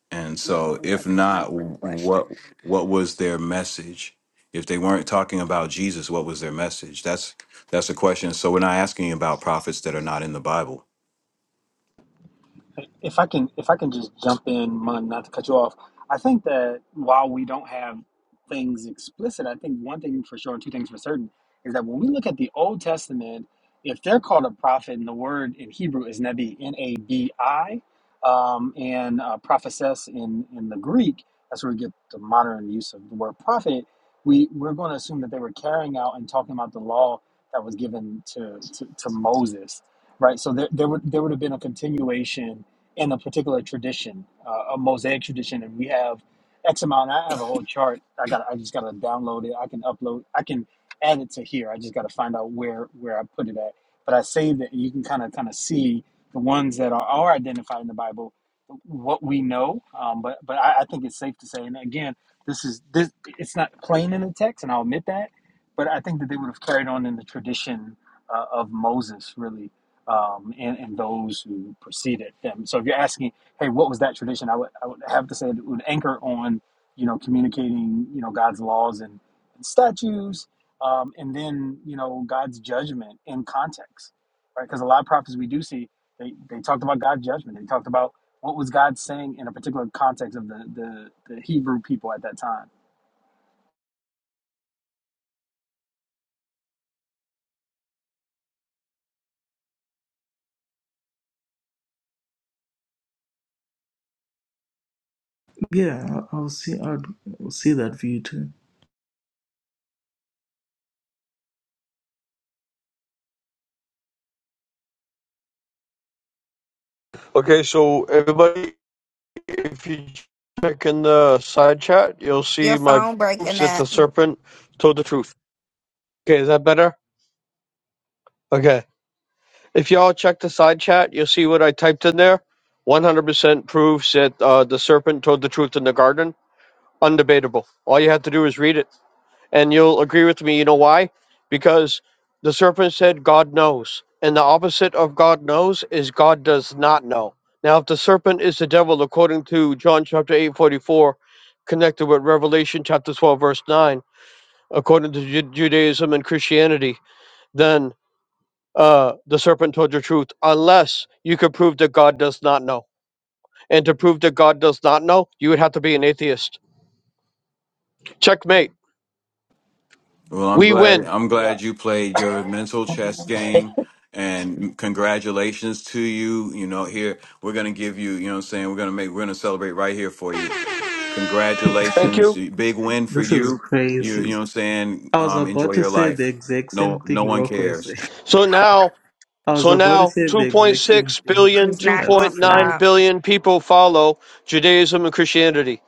E: And
D: Well,
E: so, if
D: what's the real
E: not, what
D: question?
E: what was their message? If they weren't talking about Jesus, what was their message? That's that's a question. So we're not asking about prophets that are not in the Bible
F: if I can if I can just jump in, Mun, not to cut you off, I think that while we don't have things explicit, I think one thing for sure and two things for certain is that when we look at the Old Testament, if they're called a prophet, and the word in Hebrew is nebi, n a b i, um, and uh, prophetess in in the Greek, that's where we get the modern use of the word prophet. We we're going to assume that they were carrying out and talking about the law that was given to to, to Moses, right? So there there would there would have been a continuation in a particular tradition, uh, a mosaic tradition, and we have X amount. I have a whole chart. I got. I just got to download it. I can upload. I can add it to here. I just got to find out where where I put it at. But I saved it, and you can kind of kind of see the ones that are, are identified in the Bible, what we know. Um, but but I, I think it's safe to say, and again, this is this. It's not plain in the text, and I'll admit that. But I think that they would have carried on in the tradition uh, of Moses, really um, and, and those who preceded them. So if you're asking, hey, what was that tradition? I would, I would have to say it would anchor on, you know, communicating, you know, God's laws and, and statutes, um, and then, you know, God's judgment in context, right? Because a lot of prophets we do see, they, they talked about God's judgment. They talked about what was God saying in a particular context of the, the, the Hebrew people at that time.
A: Yeah, I- I'll see. I'll see that view too.
G: Okay, so everybody, if you check in the side chat, you'll see
D: Your
G: my
D: phone
G: proofs
D: breaking
G: that
D: up.
G: the serpent told the truth. Okay, is that better? Okay. If y'all check the side chat, you'll see what I typed in there. 100% proves that uh, the serpent told the truth in the garden. Undebatable. All you have to do is read it. And you'll agree with me, you know why? Because the serpent said, God knows. And the opposite of God knows is God does not know. Now, if the serpent is the devil, according to John chapter 8:44, connected with Revelation chapter 12, verse 9, according to Ju- Judaism and Christianity, then uh, the serpent told your truth, unless you could prove that God does not know. And to prove that God does not know, you would have to be an atheist. Checkmate.
E: Well, I'm
G: We
E: glad.
G: win.
E: I'm
F: Yeah.
E: glad you played your mental chess game, and congratulations to you. You know, here we're gonna give you. You know, what I'm saying we're gonna make. We're gonna celebrate right here for you.
G: Thank
E: Congratulations,
G: you.
E: big win for
A: This is
E: you. You, you
A: crazy.
E: know, what I'm saying
A: I was
E: um, enjoy
A: about to
E: your
A: say
E: life.
A: the exact same
E: No, no
A: thing
E: one
A: Rocco is
E: cares.
A: saying.
G: So now
A: I was
G: So
A: about to
G: now
A: say the exact same
G: 2.6
A: thing.
G: billion,
D: It's not
A: That's
D: gonna
A: crazy.
G: 2.9
D: stop.
G: billion people follow Judaism and Christianity.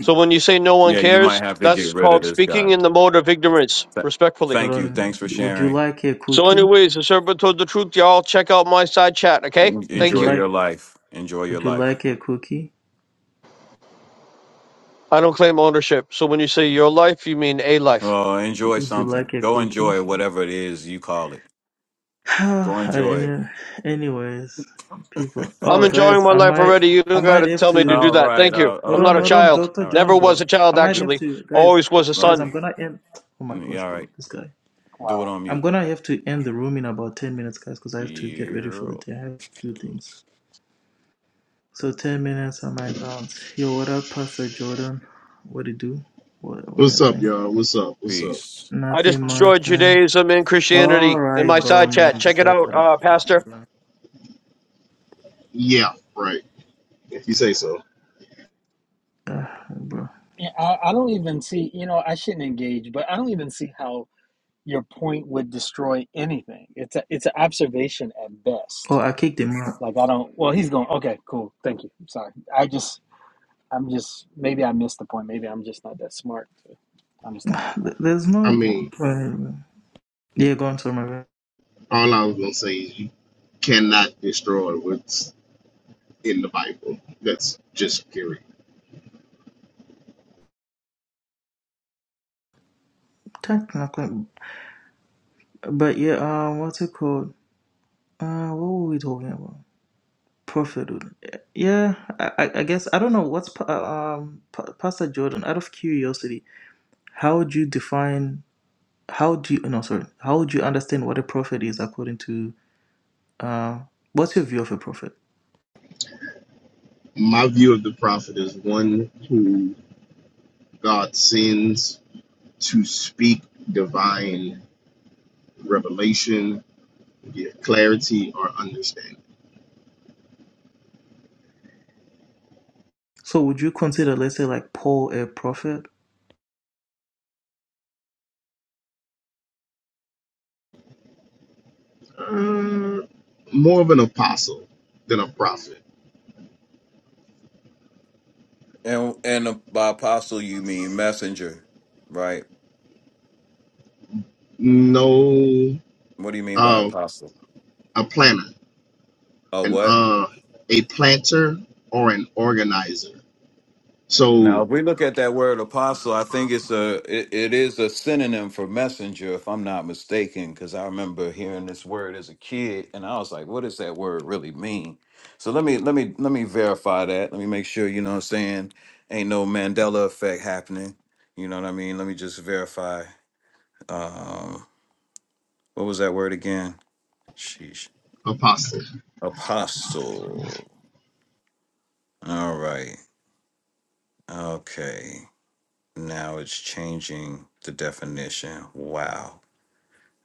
G: So when you say no one
E: Yeah, you might
G: cares,
E: have to
G: that's
E: get rid of
G: called
E: this
G: speaking
E: guy.
G: in the mode of ignorance,
E: Th-
G: respectfully.
A: Hold
E: thank you. Thanks
A: on.
E: for
A: Would you
E: sharing.
A: like a
G: So,
A: cookie?
G: anyways, the servant told the truth. Y'all check out my side chat, okay?
E: En-
A: Would
G: Thank
A: you
E: Enjoy
G: you.
E: your
A: like?
E: life. Enjoy your
A: Would you
E: life.
A: like a cookie?
G: I don't claim ownership. So when you say your life, you mean a life.
E: Oh, enjoy
A: Would you
E: something.
A: like a
E: Go
A: cookie?
E: enjoy whatever it is you call it. Go enjoy it.
A: Any- Anyways, people.
G: I'm
A: Oh,
G: enjoying
A: guys,
G: my
A: I
G: life
A: might.
G: already. You
A: I
G: don't got
A: might
G: to
A: have
G: tell me to do
E: all
A: to.
G: that.
E: right.
G: Thank you.
A: Hold
G: I'm
E: Oh,
G: not
A: on,
G: a
A: hold
E: okay.
A: on,
G: child.
A: Doctor
E: All right.
G: Never
A: John,
G: was
A: bro.
G: a child,
A: I might
E: Do,
A: have
G: actually.
A: to, guys.
G: Always was a
A: Guys,
G: son.
E: okay.
A: I'm gonna end. Oh my
E: Mm,
A: gosh,
E: yeah, All
A: bro,
E: right.
A: this guy.
E: Do it on
A: I'm
E: mute.
A: gonna have to end the room in about 10 minutes, guys, because I have to get ready for
E: Yeah.
A: the day. I have a few things. So 10 minutes on my bounce. Yo, what up, Pastor Jordan? What it do? What what
H: What's up,
A: happened?
H: y'all? What's up? What's up?
E: Peace.
G: I
D: It's
A: Nothing
D: gonna.
A: much,
G: destroyed
A: man.
G: Judaism and Christianity
A: All
G: in
A: right,
G: my
A: bro,
G: side
A: man.
G: chat.
A: This
G: Check it
A: guy
G: out,
A: gotta
G: uh,
A: go.
G: Pastor.
A: Hold on.
H: Yeah, right. If you say so.
A: Ah, bro.
F: Yeah, I, I don't even see, you know, I shouldn't engage, but I don't even see how your point would destroy anything. It's a, it's an observation at best.
A: Oh, I kicked him out.
F: Like I don't. Well, he's going. Okay, cool. Thank you. Sorry. I just I'm just maybe I missed the point. Maybe I'm just not that smart to understand his point.
A: Th- There's
H: I
A: no.
H: mean,
A: bro. Yeah, go on, to my bad.
H: all I was gonna say is you cannot destroy what's in the Bible. That's just period.
A: Technically, but yeah. Um, what's it called? Uh, what were we talking about? Prophet, would- yeah, I, I I guess I don't know what's pa- uh, um Pa- Pastor Jordan. Out of curiosity, how would you define? How do you no sorry? How would you understand what a prophet is according to uh? What's your view of a prophet?
H: My view of the prophet is one who God sends to speak divine revelation, give clarity or understanding.
A: So would you consider, let's say, like Paul a prophet?
H: Uh, more of an apostle than a prophet.
E: And and by apostle you mean messenger, right?
H: No,
E: What do you mean by
H: uh,
E: apostle?
H: a planner
E: Oh,
H: an
E: what?
H: uh a planter or an organizer.
E: Now,
H: So
E: if we look at that word apostle, I think it's a it, it is a synonym for messenger, if I'm not mistaken, because I remember hearing this word as a kid, and I was like, what does that word really mean? So let me let me let me verify that. Let me make sure, you know what I'm saying? Ain't no Mandela effect happening. You know what I mean? Let me just verify. Um, what was that word again? Sheesh.
H: apostle.
E: Apostle. All right. Okay. Now it's changing the definition. Wow.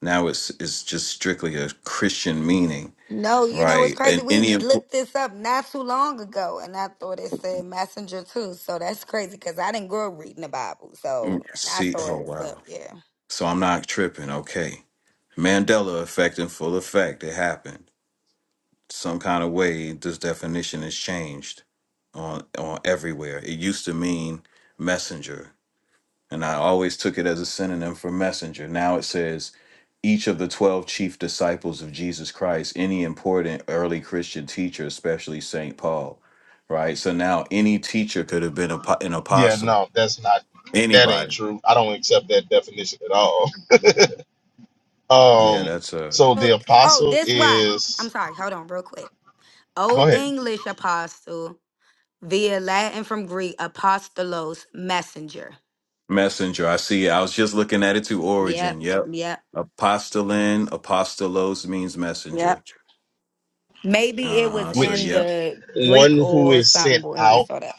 E: Now it's it's just strictly a Christian meaning,
D: No, you know what's
E: right?
D: crazy?
E: And
D: We
E: any of-
D: looked this up not too long ago, and I thought it said messenger too. So that's crazy because I didn't grow up reading the Bible, so I
E: see,
D: saw
E: oh
D: this up.
E: wow.
D: Yeah.
E: So I'm not tripping. Okay, Mandela effect in full effect. It happened. Some kind of way this definition is changed on on everywhere. It used to mean messenger. And I always took it as a synonym for messenger. Now it says each of the 12 chief disciples of Jesus Christ, any important early Christian teacher, especially St. Paul, right? So now any teacher could have been a, po- an
H: Yeah,
E: apostle,
H: no, that's not that ain't
E: anybody.
H: true. I don't accept that definition at all.
E: Yeah,
H: Um
E: that's a
H: so the
D: Oh, oh,
H: apostle
D: this why? I'm
H: is
D: sorry. Hold on, real quick.
H: go
D: Old
H: ahead.
D: English apostle via Latin from Greek apostolos messenger.
E: messenger. I see. I was just looking at it to
D: Yep.
E: origin. Yep.
D: Yep,
E: Apostolin, apostolos means messenger.
D: yep. Maybe
E: Uh
D: it was
E: huh. So,
D: in
H: Which
E: yep.
D: the Greek
H: one who
D: or
H: is
D: something
H: sent
D: when we
H: out
D: saw that.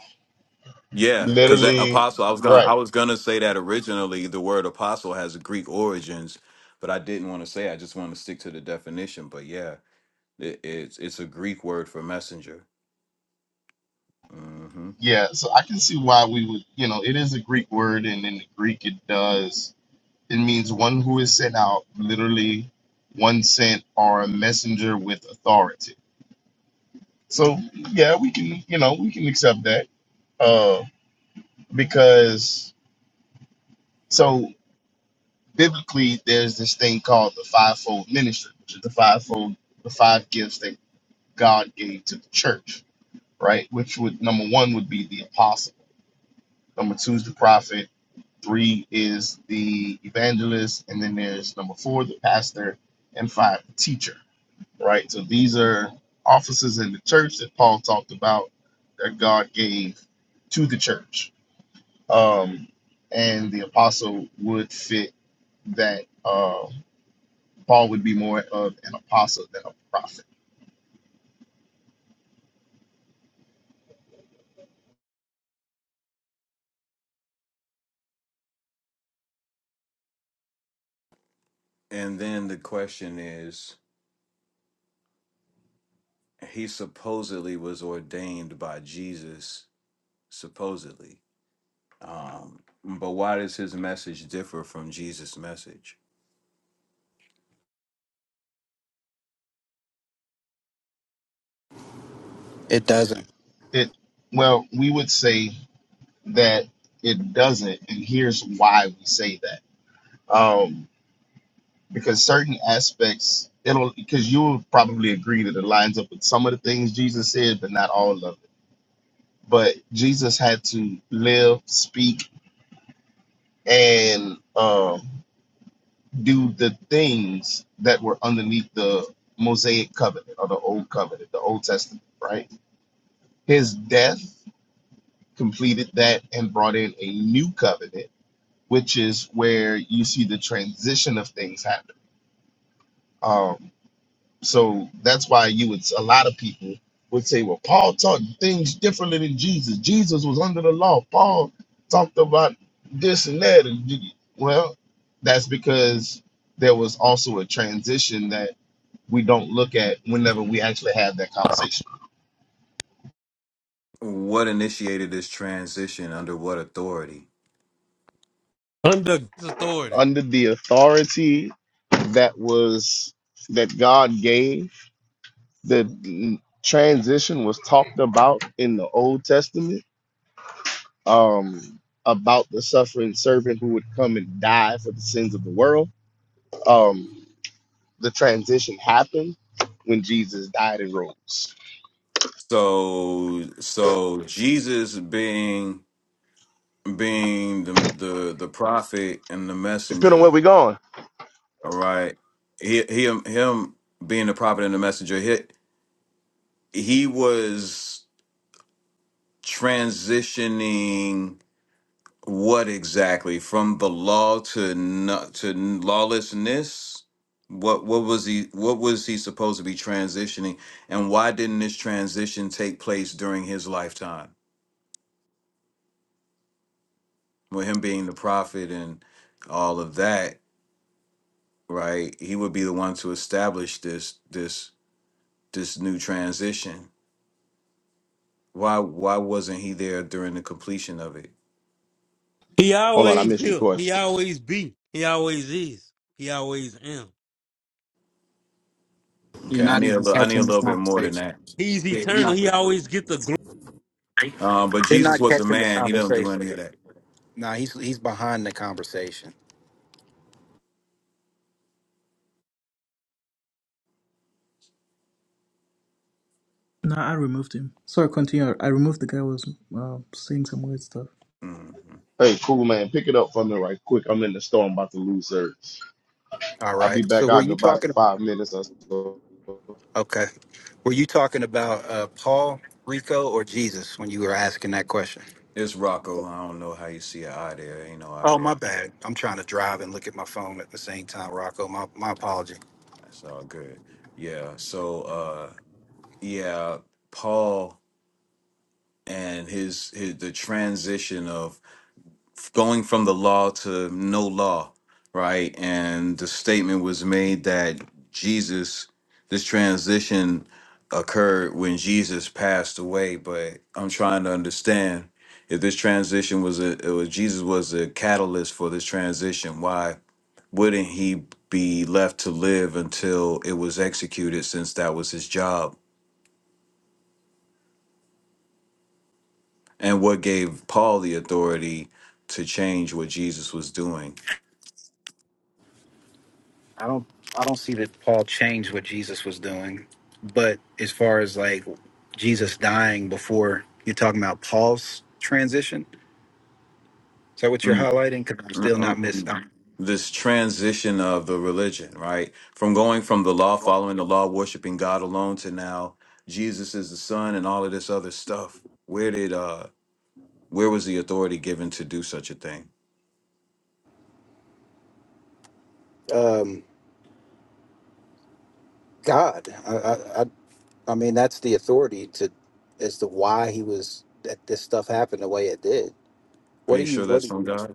E: Yeah, because that
H: literally
E: apostle, I was gonna,
H: right.
E: I was gonna say that originally the word apostle has Greek origins, but I didn't want to say. I just want to stick to the definition. But yeah, it, it's it's a Greek word for messenger. hmm
H: Yeah, so I can see why we would, you know, it is a Greek word and in the Greek it does it means one who is sent out literally one sent or a messenger with authority So yeah, we can, you know, we can accept that. Uh because so biblically there's this thing called the fivefold ministry, which is the fivefold the five gifts that God gave to the church, right? Which would number one would be the apostle, number two is the prophet, three is the evangelist, and then there's number four, the pastor, and five, the teacher, right? So these are offices in the church that Paul talked about that God gave to the church um, and the apostle would fit that uh, Paul would be more of an apostle than a prophet.
E: And then the question is, he supposedly was ordained by Jesus, supposedly. Um, but why does his message differ from Jesus' message?
I: It doesn't.
H: It well, we would say that it doesn't, and here's why we say that. Um, because certain aspects, it'll because you will probably agree that it lines up with some of the things Jesus said, but not all of it. But Jesus had to live, speak, and um do the things that were underneath the Mosaic covenant or the old covenant, the Old Testament, right? His death completed that and brought in a new covenant, which is where you see the transition of things happen. Um, so that's why you would, a lot of people would say, well, Paul taught things differently than Jesus. Jesus was under the law. Paul talked about this and that. And well, that's because there was also a transition that. we don't look at whenever we actually have that conversation.
E: what initiated this transition under what authority
J: Under God's authority.
H: Under the authority that was that God gave, the transition was talked about in the Old Testament um, about the suffering servant who would come and die for the sins of the world. Um, the transition happened when Jesus died and rose.
E: so so jesus being being the the, the prophet and the
H: Depending on where
E: messenger
H: we're going.
E: all right he, him him being the prophet and the messenger he, he was transitioning What exactly? From the law to not to lawlessness? What what was he what was he supposed to be transitioning? And why didn't this transition take place during his lifetime? With him being the prophet and all of that, right? He would be the one to establish this this this new transition. Why why wasn't he there during the completion of it?
J: He
H: Hold on, I
J: always
H: missed your
J: here. He
H: question.
J: always be. He always is. He always am.
I: You're
E: Okay, I
I: not
E: need a
I: even
E: little I need a
I: catching this
E: little bit more than
I: conversation.
E: that.
J: He's
I: Yeah, you're
J: eternal.
I: not.
J: He always get the glory.
E: Um, but
I: You're
E: Jesus
I: not
E: was a
I: catching the
E: man, he don't do
I: conversation.
E: any of
I: man.
E: that.
I: Nah, he's he's behind the conversation.
A: No, I removed him. Sorry, continue. I removed the guy who was uh, saying some weird stuff.
E: Mm-hmm.
H: Hey, cool man, pick it up for me right quick. I'm in the store. I'm about to lose service.
I: All
H: I'll be
I: right. So
H: back
I: were
H: out in
I: you
H: about
I: talking?
H: five minutes or so.
I: Okay. Were you talking about uh, Paul, Rico, or Jesus when you were asking that question?
E: It's Rocco. I don't know how you see an eye there. Ain't no eye
I: Oh, my
E: there.
I: bad. I'm trying to drive and look at my phone at the same time, Rocco. My my apology.
E: That's all good. Yeah. So uh yeah, Paul and his, his the transition of going from the law to no law, right? And the statement was made that Jesus this transition occurred when Jesus passed away, but I'm trying to understand if this transition was a it was Jesus was a catalyst for this transition. Why wouldn't he be left to live until it was executed since that was his job and what gave paul the authority to change what jesus was doing
I: I don't I don't see that Paul changed what Jesus was doing, but as far as like Jesus dying before, you're talking about Paul's transition. Is that what you're
E: Mm,
I: highlighting? Because I'm
E: mm,
I: still
E: mm,
I: not miss.
E: mm.
I: I'm,
E: this transition of the religion right from going from the law following the law worshiping god alone to now jesus is the son and all of this other stuff where did uh where was the authority given to do such a thing
I: Um, God, I, I, I, I mean, that's the authority to as to why he was that this stuff happened the way it did.
E: are
I: What do
E: you
I: you?
E: sure
I: What?
E: that's
I: do
E: from
I: you-
E: god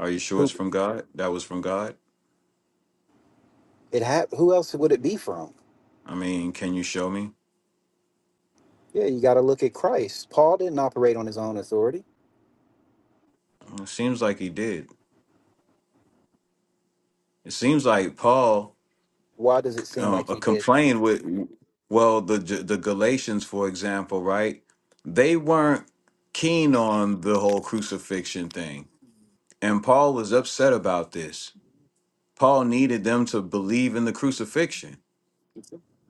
E: are you sure it's
I: Who?
E: from god that was from god
I: It ha- Who else would it be from?
E: i mean can you show me
I: Yeah, you got to look at Christ. Paul didn't operate on his own authority.
E: It seems like he did. It seems like Paul
I: Why does it seem
E: um,
I: like
E: uh,
I: he did?
E: complained with, well, the the Galatians, for example, right? They weren't keen on the whole crucifixion thing, and Paul was upset about this. Paul needed them to believe in the crucifixion.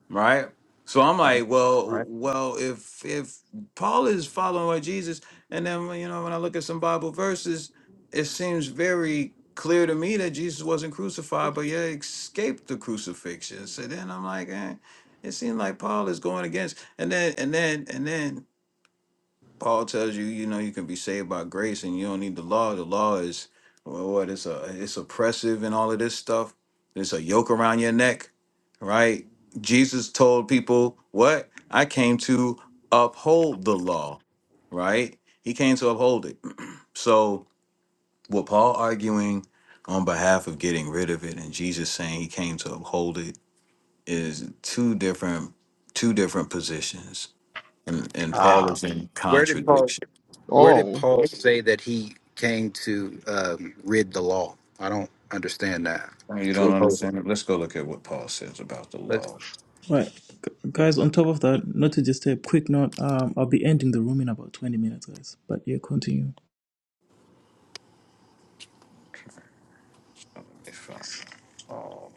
E: right? So I'm
I: right.
E: like, well,
I: Right.
E: well, if if Paul is following what Jesus, and then when, you know when I look at some Bible verses, it seems very clear to me that Jesus wasn't crucified, but yet escaped the crucifixion. So then I'm like, eh, it seemed like Paul is going against, and then and then and then Paul tells you, you know, you can be saved by grace and you don't need the law. The law is well, what it's a it's oppressive and all of this stuff. It's a yoke around your neck, right? Jesus told people, "What? I came to uphold the law." Right? He came to uphold it. So, with Paul arguing on behalf of getting rid of it and Jesus saying he came to uphold it is two different two different positions. And and Paul
H: Ah,
E: is in
I: Where did Paul?
E: contradiction.
I: Where did
H: oh
I: Paul say that he came to um, rid the law? I don't understand that.
E: Oh, You
I: To
E: don't
I: oppose
E: understand it. Let's go look at what Paul says about the
I: it.
E: law.
A: Right, Gu- guys. On top of that, not to just a quick note. Um, I'll be ending the room in about twenty minutes, guys. But yeah, continue.
E: Okay, so let me find this. Paul.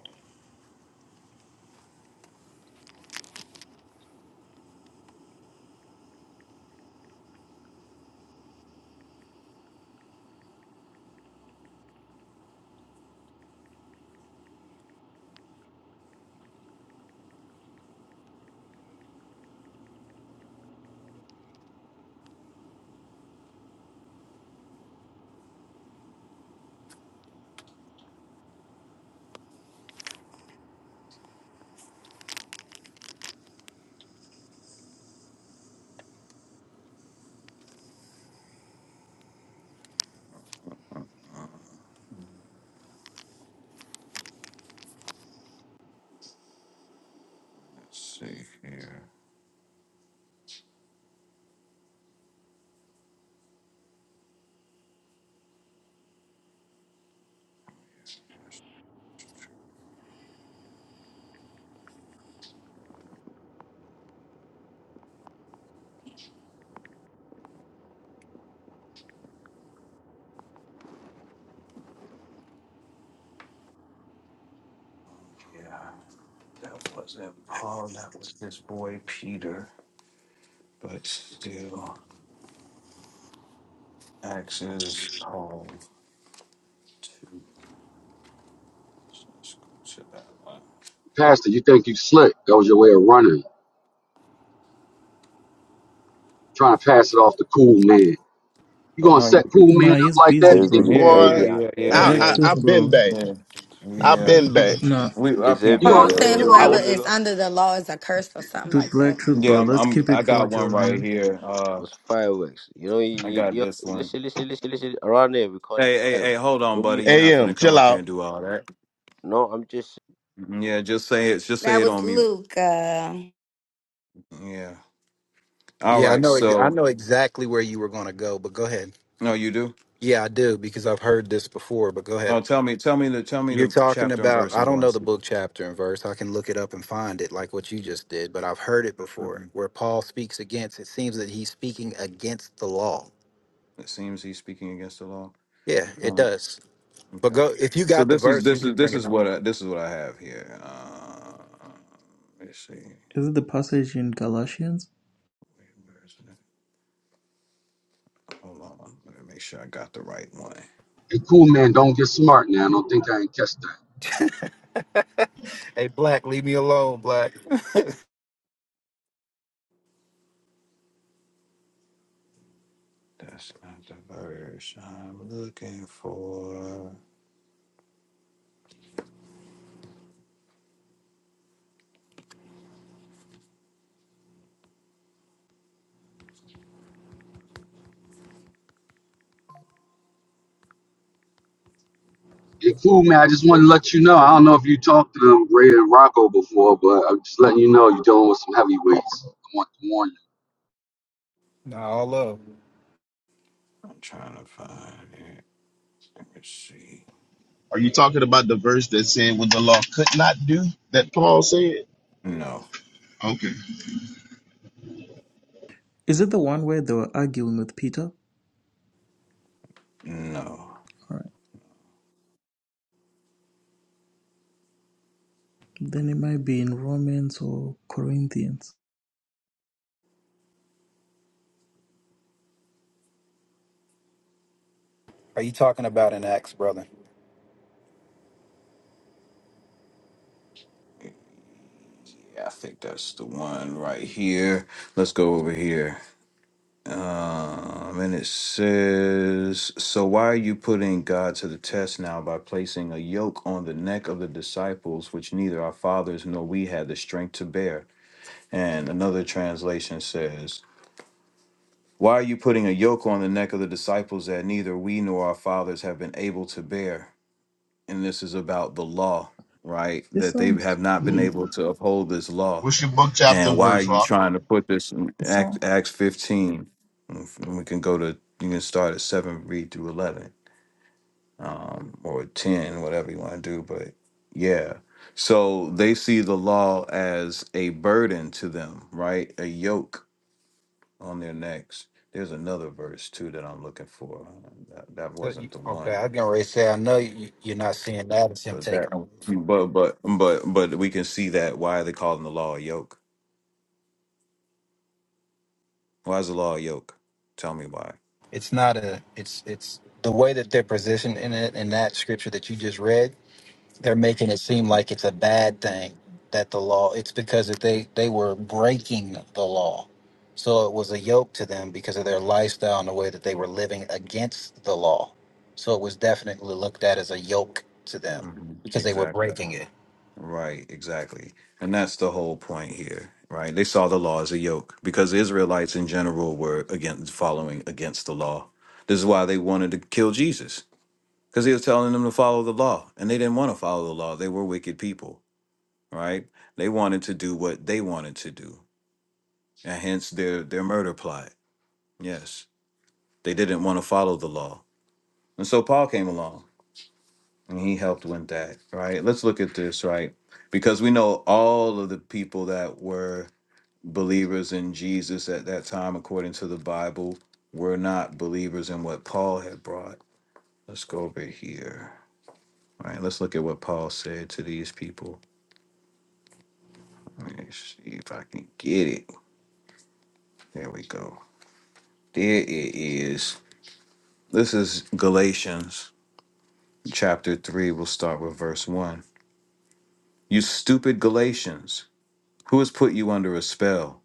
E: Uh, let's see here. Oh, yeah. That wasn't Paul. That was his boy Peter. But still, Acts is Paul too. So let's go to that one.
B: Pastor. You think you slick? That was your way of running, trying to pass it off to cool man. You
K: Oh,
B: gonna
E: Oh,
B: set
E: you-
B: cool man
A: Nah,
B: up
A: he's
B: like that?
A: busy,
B: To get,
A: bro.
K: everybody,
E: yeah, yeah,
K: every
H: boy,
E: yeah,
H: I
E: yeah,
K: hello.
A: Black
H: I
E: yeah,
A: Truth,
H: I've been
A: bro.
H: back.
E: yeah,
H: I've
E: yeah.
H: been back.
A: Nah,
E: We I
K: Is
E: peeped
B: You
E: that
B: gonna
K: everybody
D: Paul
K: is
D: said,
B: you
K: every
E: earlier.
B: gonna?
H: I
E: Uh,
D: "Whoever
K: real
H: was
D: is
K: nigga
D: under the law is accursed," or something
A: dude,
D: like
A: Black
D: that.
A: Truth,
E: Yeah,
A: bro.
E: I'm,
A: Let's
E: I'm.
A: keep
E: I
A: it
E: got one
A: cordial,
E: right
A: man.
E: here. Uh,
K: was fireworks. You know,
E: I
K: you,
E: got
K: you,
E: this
K: you
E: one.
K: listen, listen, listen, listen. Around there we call it
E: Hey, hey, hey,
K: fireworks.
E: hold on,
K: What do
E: buddy.
K: you
E: You're
K: call it?
E: not
H: AM.
E: finna come
H: Chill
E: up here
H: out.
E: and do all that.
K: No, I'm just
E: Yeah, just say it. Just say
D: That
E: it
D: was
E: on mute.
D: Luke. Uh,
E: Yeah. All
I: Yeah, I
E: right.
I: know. ex- I
E: So
I: know exactly where you were going to go, but go ahead.
E: no, you do.
I: Yeah, I do because I've heard this before. But go ahead.
E: Oh, tell me, tell me the, tell me
I: You're
E: the
I: talking
E: chapter and
I: about.
E: verse
I: I
E: I'm
I: don't
E: going
I: know the
E: to.
I: book chapter and verse. I can look it up and find it, like what you just did. But I've heard it before,
E: Mhm.
I: where Paul speaks against. It seems that he's speaking against the law.
E: It seems he's speaking against the law.
I: Yeah, it
E: Um,
I: does. But
E: okay.
I: go if you
E: So
I: got the
E: this is
I: verse.
E: this is this is what I, this is what I have here. Uh, let's see. Wait,
A: Is it the passage in Galatians?
E: Where is it? Hold on. Let me make sure I got the right one.
B: Hey, cool man, don't get smart now. Don't think I ain't catch that.
I: Hey, Black, leave me alone, Black.
E: That's not the verse I'm looking for.
B: You're cool, man. I just want to let you know. I don't know if you talked to them, Ray and Rocco, before, but I'm just letting you know you're dealing with some heavyweights. I want to warn you.
I: Nah, all love.
E: I'm trying to find it. Let's see.
H: Are you talking about the verse that said what the law could not do that Paul said?
E: No,
H: Okay.
A: Is it the one where they were arguing with Peter?
E: no.
A: All right. Then it might be in Romans or Corinthians.
I: Are you talking about an axe, brother?
E: Yeah, I think that's the one right here. Let's go over here. Um, and it says, So why are you putting God to the test now by placing a yoke on the neck of the disciples, which neither our fathers nor we had the strength to bear? And another translation says, Why are you putting a yoke on the neck of the disciples that neither we nor our fathers have been able to bear? and this is about the law, right?
A: It
E: That they
A: sounds.
E: have not been able to uphold this law.
H: What's your book chapter
E: And why are
H: verse,
E: you
H: Rock?
E: trying to put this in
A: It
E: Act,
A: sounds.
E: Acts 15? And we can go to, you can start at 7, read through 11, um, or 10, whatever you want to do. But yeah. So they see the law as a burden to them, right? A yoke on their necks. There's another verse too that I'm looking for. That, that
I: So you-
E: wasn't the one
I: Okay, i can already say I know you, you're not seeing that. It's him
E: But
I: taking
E: that,
I: away.
E: but but but but we can see that why are they calling the law a yoke? Why is the law a yoke? Tell me why.
I: It's not a. It's it's the way that they're positioned in it in that scripture that you just read. They're making it seem
E: hmm
I: like it's a bad thing that the law. It's because that they they were breaking the law, so it was a yoke to them because of their lifestyle and the way that they were living against the law. So it was definitely looked at as a yoke to them
E: hmm
I: because they were
E: Exactly.
I: breaking it.
E: Right. Exactly. And that's the whole point here, right? They saw the law as a yoke because the Israelites in general were against following against the law. This is why they wanted to kill Jesus because he was telling them to follow the law, and they didn't want to follow the law. They were wicked people. right? They wanted to do what they wanted to do, and hence their their murder plot. Yes, they didn't want to follow the law, and so Paul came along and he helped with that, right? Let's look at this, right? Because we know all of the people that were believers in Jesus at that time, according to the Bible, were not believers in what Paul had brought. Let's go over here. All right, let's look at what Paul said to these people. Let me see if I can get it. There we go. There it is This is Galatians chapter 3. We'll start with verse 1. You stupid Galatians, who has put you under a spell?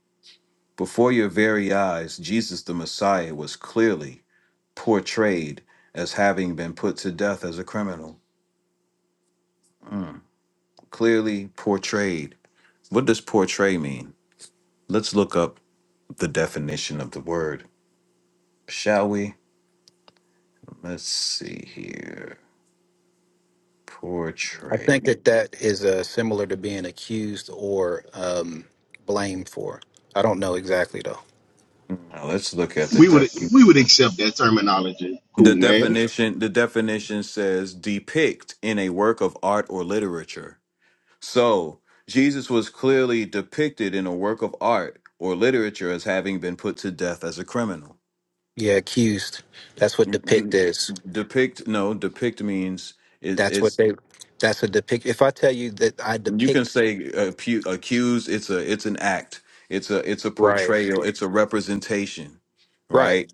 E: Before your very eyes, Jesus the Messiah was clearly portrayed as having been put to death as a criminal. Mm, Clearly portrayed. What does portray mean? Let's look up the definition of the word, shall we? Let's see here.
I: I think
E: Portray.
I: that that is uh, similar to being accused or um, blamed for. I don't know exactly though.
E: Now let's look at the
H: We would
E: definition.
H: we would accept that terminology. Cool,
E: The
H: man.
E: definition the definition says depict in a work of art or literature. So, Jesus was clearly depicted in a work of art or literature as having been put to death as a criminal.
I: Yeah, accused. That's what
E: N-
I: depict
E: n-
I: is.
E: Depict no, depict means it,
I: That's
E: it's
I: what they. That's a depict. If I tell you that I
E: you can
I: depict,
E: say accu- accuse it's a it's an act it's a it's a
I: right,
E: portrayal it's a representation
I: right,
E: right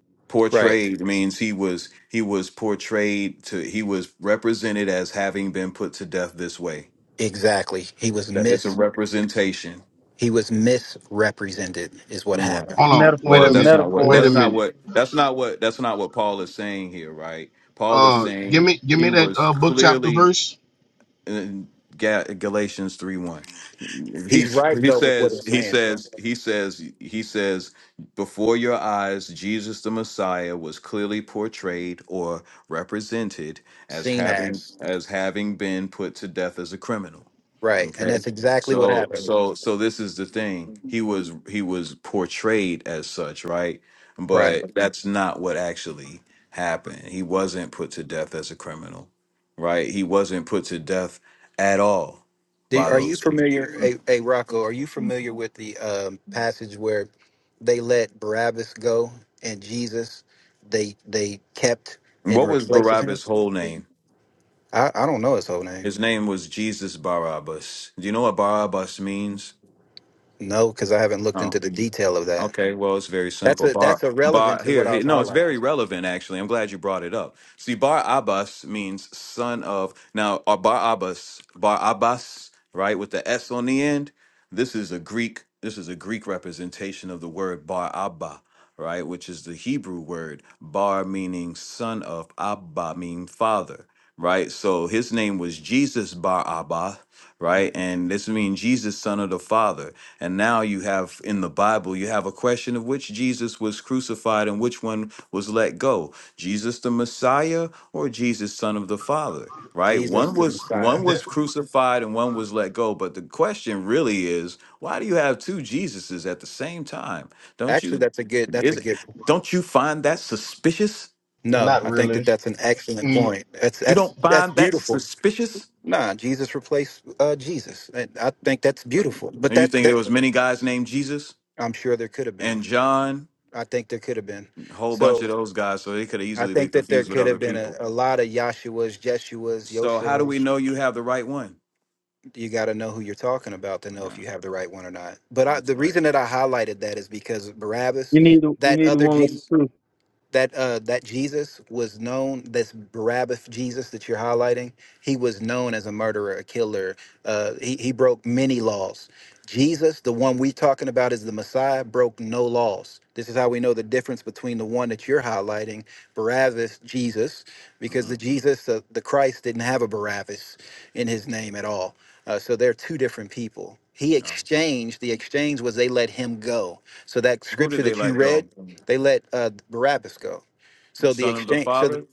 I: right,
E: portrayed means he was he was portrayed to he was represented as having been put to death this way
I: exactly. He was
E: That- it's a
I: mis.
E: representation
I: He was misrepresented. Is what
E: Right.
I: happened.
H: Hold on. Wait
E: well
H: a
L: metaphor,
E: that's
H: minute.
E: not what
H: Wait a
L: metaphor.
E: that's not
H: minute.
E: what that's not what that's not what paul is saying here right paul is
H: Uh, give
E: saying
H: me give
E: he
H: me that
E: was
H: uh book chapter
E: clearly
H: verse.
E: in Ga- Galatians 3 1. he
I: He's right
E: he
I: though with what
E: says,
I: he's
E: he
I: saying. Though.
E: says, he says, he says, before your eyes, Jesus the Messiah was clearly portrayed or represented as
I: Seen
E: having
I: as
E: as having been put to death as a criminal.
I: right, and
E: Okay.
I: that's exactly what
E: So
I: happened.
E: so so this is the thing. He was he was portrayed as such, right?
I: Right.
E: But that's not what actually happened. He wasn't put to death as a criminal right? He wasn't put to death at all
I: Do,
E: by
I: are you
E: those people.
I: familiar, a, a Rocco? Are you familiar with the um, passage where they let Barabbas go and Jesus? They they kept in
E: What was
I: replace of him.
E: Barabbas' whole name?
I: I, I don't know his whole name.
E: His name was Jesus Barabbas. Do you know what Barabbas means?
I: No, because I haven't looked into the detail of that.
E: Okay, well, it's very
I: That's
E: simple.
I: a
E: Bar
I: that's irrelevant
E: Bar
I: to
E: here,
I: what I
E: here
I: was
E: no, it's very
I: highlighting.
E: relevant actually. I'm glad you brought it up. See, Bar Abbas means son of. Now, uh, Bar Abbas, Bar Abbas, right, with the s on the end. This is a Greek. This is a Greek representation of the word Bar Abba, right, which is the Hebrew word Bar, meaning son of, Abba meaning father, right. So his name was Jesus Bar Abba, right,
I: Mm.
E: and this means Jesus, son of the Father. And now you have in the Bible, you have a question of which Jesus was crucified and which one was let go. Jesus the Messiah or Jesus son of the Father, right?
I: Jesus
E: One
I: the
E: was
I: Messiah.
E: one
H: That
E: was crucified and one was let go, but the question really is, why do you have two Jesuses at the same time? Don't
I: Actually,
E: you
I: that's a good. That's a
E: is it,
I: good.
E: don't you find that suspicious?
I: No,
H: not
I: I think that
H: really.
I: that's an excellent
H: Mm,
I: point. That's
E: You
I: that's
E: don't
I: that's
E: find that
I: beautiful.
E: suspicious?
I: Nah, Jesus replaced uh, Jesus. And I think that's
E: And
I: beautiful. But
E: you
I: that,
E: think there
I: that
E: was many guys named Jesus
I: I'm sure there could have been.
E: and John
I: I think there could have been.
E: a whole bunch of
I: So
E: those guys, so they could
I: I
E: easily be
I: think that there
E: confused with
I: could
E: other
I: have been a,
E: people.
I: a lot of Yahshua's, Jeshua's,
E: So how do we
I: Yoshua's.
E: know you have the right one?
I: you got to know who you're talking about to know if
E: Yeah,
I: you have the right one or not. But I,
E: that's
I: the
E: right.
I: reason that I highlighted that is because Barabbas,
L: You need you
I: that
L: need the
I: other
L: one with the
I: Jesus,
L: truth.
I: that uh that Jesus was known this Barabbas Jesus that you're highlighting he was known as a murderer a killer uh he, he broke many laws Jesus the one we talking about is the Messiah broke no laws this is how we know the difference between the one that you're highlighting Barabbas Jesus because
E: hmm
I: the Jesus uh, the Christ didn't have a Barabbas in his name at all uh, so they're two different people he exchanged the exchange was they let him go so that
E: Who did
I: scripture
E: they
I: that you
E: let
I: read
E: go?
I: they let uh, Barabbas go. So the
E: Son of the
I: exchange, so
E: father.
I: th-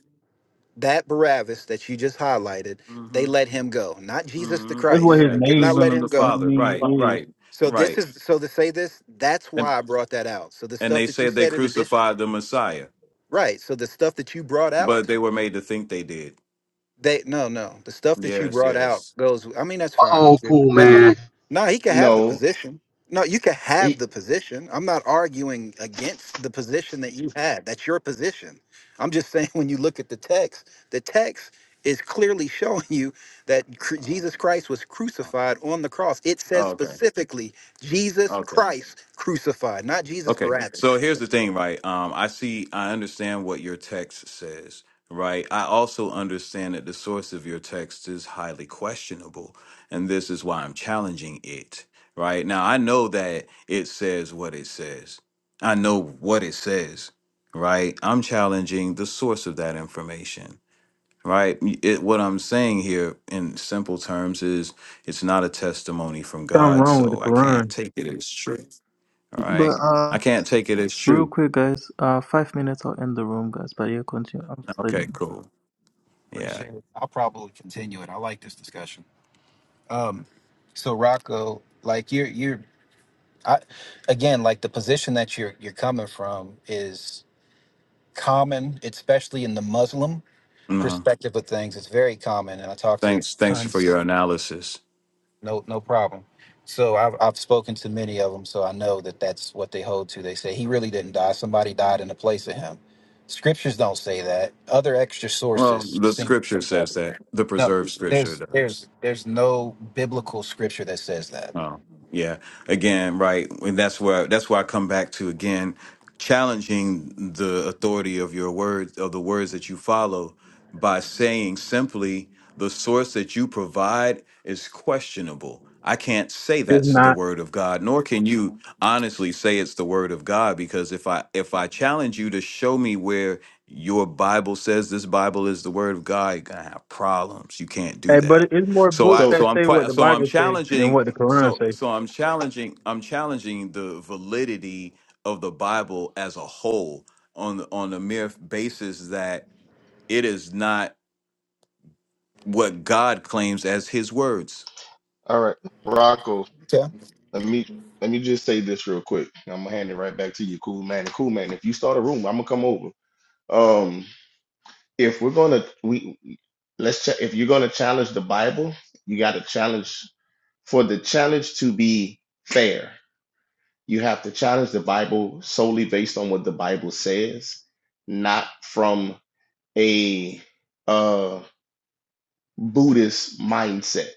I: that Barabbas that you just highlighted, they
E: hmm
I: let him go, not Jesus the
E: hmm
L: That's what
I: Christ.
L: his
E: Yeah,
I: They did
E: the
L: name
I: not
E: son
I: let
E: of
I: him
L: means.
E: the
I: go.
L: What it
E: father. Right,
L: means is
E: right,
I: So this
E: right.
I: is so to say this. That's
E: And
I: why I brought that out. So the
E: and
I: stuff
E: they
I: that you
E: said they
I: said in addition,
E: crucified the Messiah,
I: right? So the stuff that you brought out
E: but they were made to think they did.
I: They no, no. The stuff that you
E: Yes,
I: brought out
E: yes.
I: goes. I mean, that's fine.
B: Oh, cool,
I: That's
B: man.
I: no. He can have the
H: no.
I: position. No, you can have
H: He-
I: the position. I'm not arguing against the position that you had. That's your position. I'm just saying when you look at the text, the text is clearly showing you that cru-
E: Uh,
I: Jesus Christ was
E: uh,
I: crucified on the cross. It says
E: okay,
I: specifically Jesus
E: okay.
I: Christ crucified, not Jesus
E: Okay. So
I: Barabbas.
E: here's the thing, right? Um, I see, I understand what your text says, right? I also understand that the source of your text is highly questionable, and this is why I'm challenging it, right? Now, I know that it says what it says. I know what it says, right? I'm challenging the source of that information, right? It, what I'm saying here in simple terms is it's not a testimony from
L: something
E: God,
L: wrong with the
E: so I can't
L: Quran.
E: take it as true. All
A: But
E: right. I
A: uh,
E: can't take it as
A: real
E: true.
A: quick, guys. Uh, five minutes. I'll end the room, guys. But yeah, continue. I'm
E: Okay,
A: studying.
E: cool. Yeah.
I: Appreciate it. I'll probably continue it. I like this discussion. Um, so Rocco, like you're you're I again like the position that you're you're coming from is common, especially in the Muslim
E: No.
I: perspective of things. It's very common, and I talk to
E: Thanks. Thanks
I: ton
E: for your analysis.
I: no no problem. So I've I've spoken to many of them, so I know that that's what they hold to. They say he really didn't die; somebody died in the place of him. Scriptures don't say that. Other extra
E: Well,
I: sources
E: the
I: seem
E: scripture says that. The
I: no.
E: preserved scripture
I: There's
E: does.
I: there's there's no biblical scripture that says that.
E: Oh, yeah. Again, right. And that's where that's where I come back to again, challenging the authority of your words of the words that you follow by saying simply the source that you provide is questionable. I can't say
L: It's
E: that's the
L: not.
E: word of God, nor can you honestly say it's the word of God because if I if I challenge you to show me where your Bible says this Bible is the word of God, you're gonna have problems. You can't do
L: Hey, but
E: that.
L: it's more
E: So
L: books
E: I
H: So
L: that
E: so I'm
L: say what
E: quite
L: the
E: so I'm
L: Bible say than
E: challenging
L: what the Quran
E: so
L: say.
E: so I'm challenging I'm challenging the validity of the Bible as a whole on the- on the mere basis that it is not what God claims as his words.
H: All right, Rocco.
I: Okay.
H: Let me let me just say this real quick. I'm gonna hand it right back to you, cool man. Cool man. If you start a room, I'm gonna come over. Um, if we're gonna we let's check. If you're gonna challenge the Bible, you got to challenge for the challenge to be fair. You have to challenge the Bible solely based on what the Bible says, not from a uh Buddhist mindset.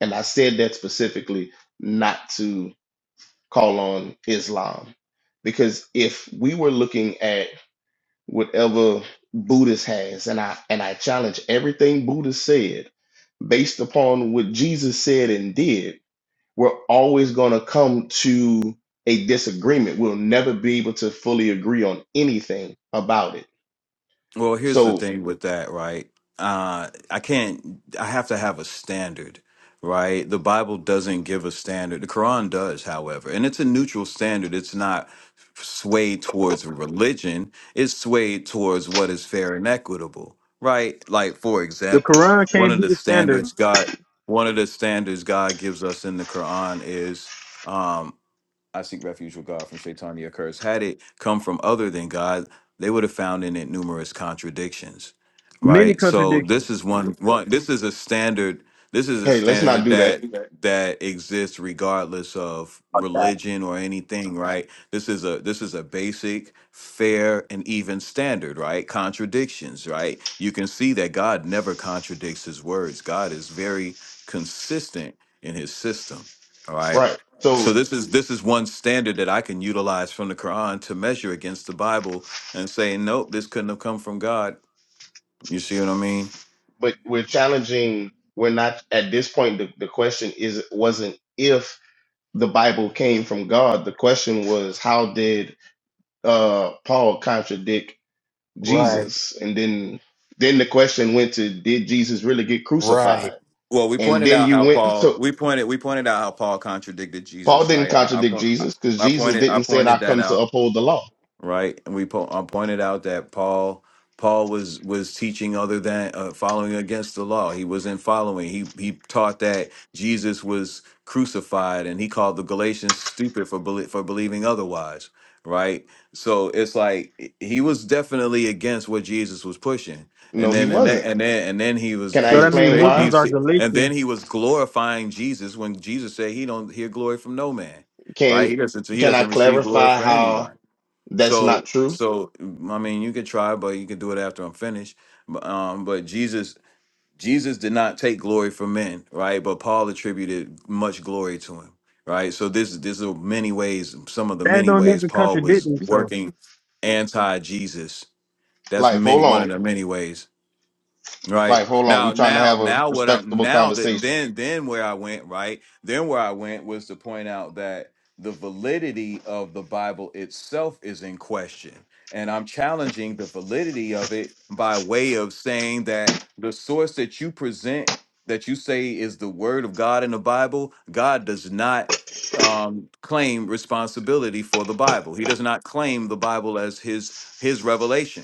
H: And I said that specifically not to call on Islam. Because if we were looking at whatever Buddhist has, and I and I challenge everything Buddha said based upon what Jesus said and did, we're always gonna come to a disagreement. We'll never be able to fully agree on anything about it.
E: Well, here's the
H: So
E: thing with that, right? Uh, I can't, I have to have a standard, right? The Bible doesn't give a standard. The Quran does, however, and it's a neutral standard. It's not swayed towards religion, it's swayed towards what is fair and equitable, right? Like, for
L: The
E: example,
L: Quran
E: one
L: can't
E: of
L: be
E: the
L: the standard.
E: standards God, one of the standards God gives us in the Quran is. um, I seek refuge with God from Shaitania curse. Had it come from other than God, they would have found in it numerous contradictions.
L: Many
E: Right. So this
L: contradictions.
E: is one one this is a standard this is a
H: hey, let's not
E: standard
H: do that.
E: that that exists regardless of religion or anything, right? This is a this is a basic, fair, and even standard, right? Contradictions, right? You can see that God never contradicts his words. God is very consistent in his system. All right.
H: Right. So
E: So this is this is one standard that I can utilize from the Quran to measure against the Bible and say, nope, this couldn't have come from God. You see what I mean?
H: but we're challenging, we're not at this point the, the question is wasn't if the Bible came from God. The question was, how did uh, Paul contradict
I: Right.
H: Jesus? And then then the question went to, did Jesus really get
I: Right.
H: crucified?
E: Well, we
H: And
E: pointed
H: then
E: out
H: you
E: how
H: went
E: Paul
H: to
E: we pointed we pointed out how Paul contradicted
H: Paul
E: Jesus, right?
H: didn't
E: I, I
H: contradict
E: point I
H: Jesus because
E: I
H: Jesus
E: pointed I
H: didn't say,
E: pointed
H: "I
E: that
H: come to
E: out.
H: uphold the law."
E: right? And we po- I pointed out that Paul Paul was was teaching other than uh, following against the law. He wasn't following. He he taught that Jesus was crucified, and he called the Galatians stupid for belie- for believing otherwise, right? So it's like he was definitely against what Jesus was pushing. And
H: No, he
E: then and then
H: wasn't.
E: and then, and then he was
H: Can I
E: he
L: So that
E: was
L: means
H: explain
E: ba- he
H: why?
L: Muslims
E: was,
L: are
E: and then
L: Galatians.
E: he was glorifying Jesus when Jesus said he don't hear glory from no man, right?
H: Can
E: He doesn't he
H: can I
E: doesn't receive glory
H: clarify
E: for
H: how
E: anybody.
H: that's not
E: So,
H: true?
E: so mm, I mean, you could try, but you could do it after I'm finished. But, um, but Jesus, Jesus did not take glory from men, right? But Paul attributed much glory to him, right? So this, this are many ways. Some of the
L: That
E: many
L: don't
E: ways
L: even
E: Paul
L: contradict
E: was
L: themselves.
E: working anti-Jesus. That's
H: Life,
E: many
H: hold
E: one
H: on.
E: of the many ways. Right.
H: Life, hold on. We
E: Now
H: trying to
E: now
H: have a
E: now what I'm
H: respectable
E: now that
H: conversation.
E: then then where I went, right? Then where I went was to point out that the validity of the Bible itself is in question. And I'm challenging the validity of it by way of saying that the source that you present that you say is the word of God in the Bible, God does not um claim responsibility for the Bible. He does not claim the Bible as his his revelation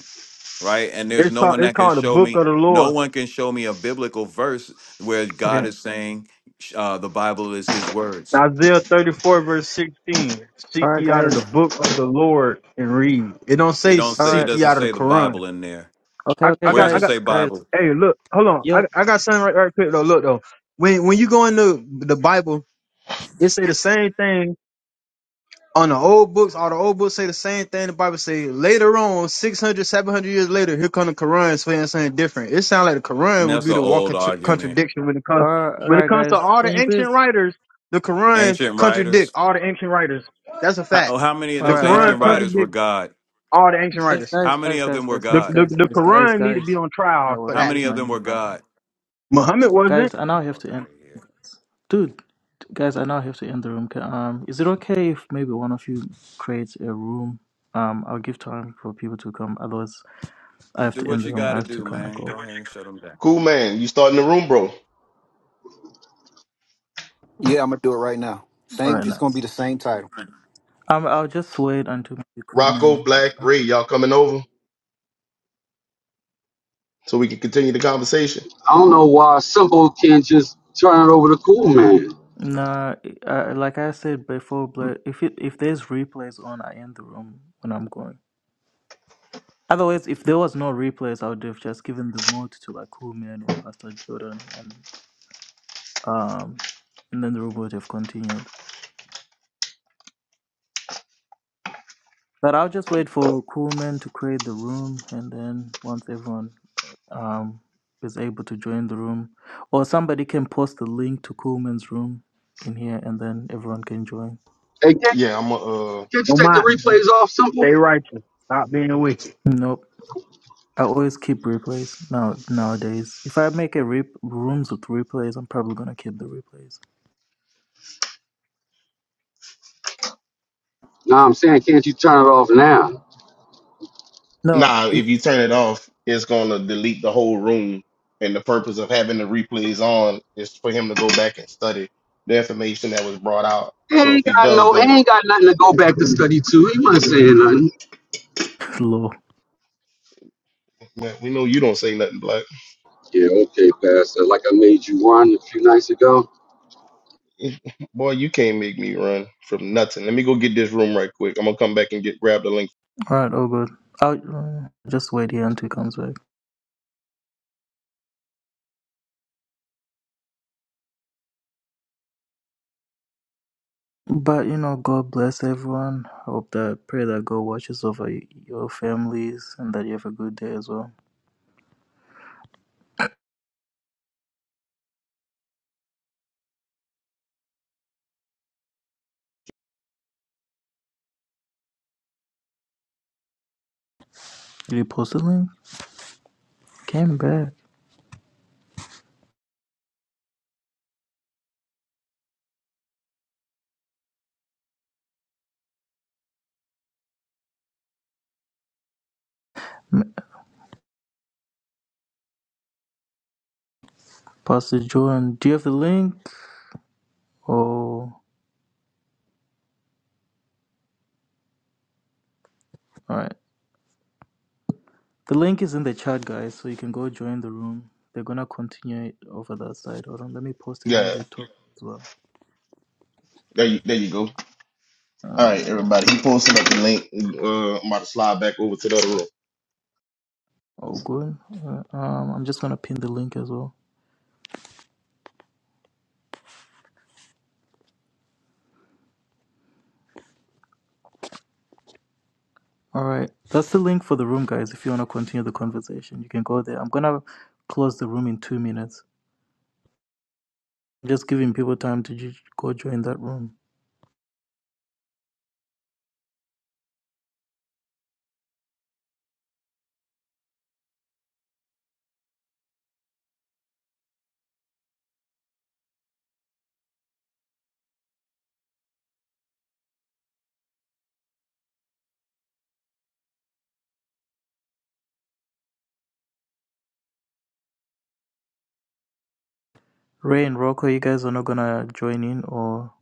E: right? And there's
L: It's
E: no
L: called
E: one
L: it's
E: that can
L: called the
E: show
L: Book
E: me,
L: of the
E: no
L: Lord.
E: one can show me a biblical verse where
A: Okay.
E: God is saying sh- uh, the Bible is His words.
L: Isaiah 34 verse 16.
A: All
L: Seek
A: right,
L: ye out of
A: guys.
L: the book of the Lord and read. It don't
E: It
L: say
E: don't
A: All
E: say, it
A: right.
L: seek ye
E: doesn't
L: out of the
E: say the
L: Quran.
E: Bible in there.
A: Okay.
L: I,
A: Okay,
L: I
E: Where does
L: got
E: it
L: I got
E: say
A: guys. Guys.
E: Bible?
L: Hey, look, hold on. I,
A: Yo.
L: I got something right, right quick though. Look though, when when you go into the Bible, it say the same thing on the old books. All the old books say the same thing. The Bible say later on, 600, 700 years later, here come the Quran saying something different. It sounds like the
E: And
L: Quran would
E: that's
L: be
E: an
L: the
E: old
L: walking tr-
E: argument.
L: contradiction when it
A: All
L: comes
A: right. All
L: when it
A: right,
L: comes to
A: guys.
L: all
A: Can
L: the
A: you please?
L: ancient writers. The Quran
E: Ancient
L: contradict
E: writers.
L: all the ancient writers. That's a fact.
E: How, how many of
A: All
L: The
E: those
A: right. All
L: Quran
A: right.
E: ancient
A: All right.
E: writers were
L: contradicts
E: God?
L: all the ancient
A: Guys,
L: writers.
A: guys,
E: How many
A: guys,
E: of
A: guys,
E: them were
A: guys,
L: The
A: guys,
E: God?
L: the,
A: guys,
L: the
A: guys, guys,
L: Quran need to be
A: guys.
L: on trial
A: Oh,
L: for
E: How
A: wait,
L: that.
E: many
A: where's
E: of
A: my
E: them were
A: mute button?
E: God?
L: Muhammad wasn't.
A: Guys, I now have
E: Fuck
A: to
E: out
A: end.
E: of here.
A: Dude, guys, I now have to end the room. Ca- Um, is it okay if maybe one of you creates a room? Um, I'll give time for people to come. Otherwise, I have
E: Do
A: to end
E: what
A: the
E: you
A: room.
E: got
A: I
E: to
A: have to
E: do,
A: kind of
E: man.
A: go.
E: Go ahead and shut them down.
H: Cool man, you starting the room, bro.
I: Yeah, I'm gonna do it right now.
A: All
I: Same.
A: right,
I: It's gonna be
A: nice.
I: the same title.
A: Um, I'll just wait until the
H: Rocco,
A: crewman.
H: Black, Ray, y'all coming over so we can continue the conversation?
B: I don't know why Simple can't just turn it over to Cool Man.
A: Nah, uh, like I said before, but if it if there's replays on, I end the room when I'm going. Otherwise, if there was no replays, I would have just given the mod to like Kuman or Pastor Jordan, and um, and then the room would have continued. But I'll just wait for Coolman to create the room, and then once everyone um is able to join the room, or somebody can post the link to Coolman's room in here, and then everyone can join.
B: Hey, can't,
H: Yeah, I'm uh
B: can't you take the replays off, Simple?
L: Stay righteous. Stop being wicked.
A: Nope. I always keep replays now nowadays. If I make a rep- rooms with replays, I'm probably gonna keep the replays.
B: No, I'm saying, can't you turn it off now?
A: No,
H: nah, if you turn it off, it's gonna delete the whole room. And the purpose of having the replays on is for him to go back and study the information that was brought out.
B: He
H: So if
B: ain't
H: he
B: got
H: does
B: no, he
H: that,
B: ain't got nothing to go back to study to. He wasn't saying nothing.
A: law.
H: man, we know you don't say nothing, Black.
B: Yeah, okay, Pastor. Like I made you run a few nights ago.
H: Boy, you can't make me run from nothing. Let me go get this room right quick. I'm gonna come back and get grab the link.
A: Alright, all good. I'll uh, just wait here until he comes back. But you know, God bless everyone. I hope that pray that God watches over y- your families and that you have a good day as well. Did you post the link? Came back. M- Pastor John, do you have the link? Oh, alright. The link is in the chat, guys, so you can go join the room. They're gonna continue it over that side. Hold on, let me post it on
H: Yeah,
A: the top as well.
H: there you there you go. All right, everybody. He posted up the link. Uh, I'm about to slide back over to the other room.
A: Oh, good. Uh, um, I'm just gonna pin the link as well. All right. That's the link for the room, guys. If you want to continue the conversation, you can go there. I'm going to close the room in two minutes. Just giving people time to ju- go join that room. Ray and Rocco, you guys are not going to join in or.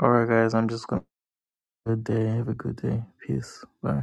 A: All right, guys. I'm just going to. Good day. Have a good day. Peace. Bye.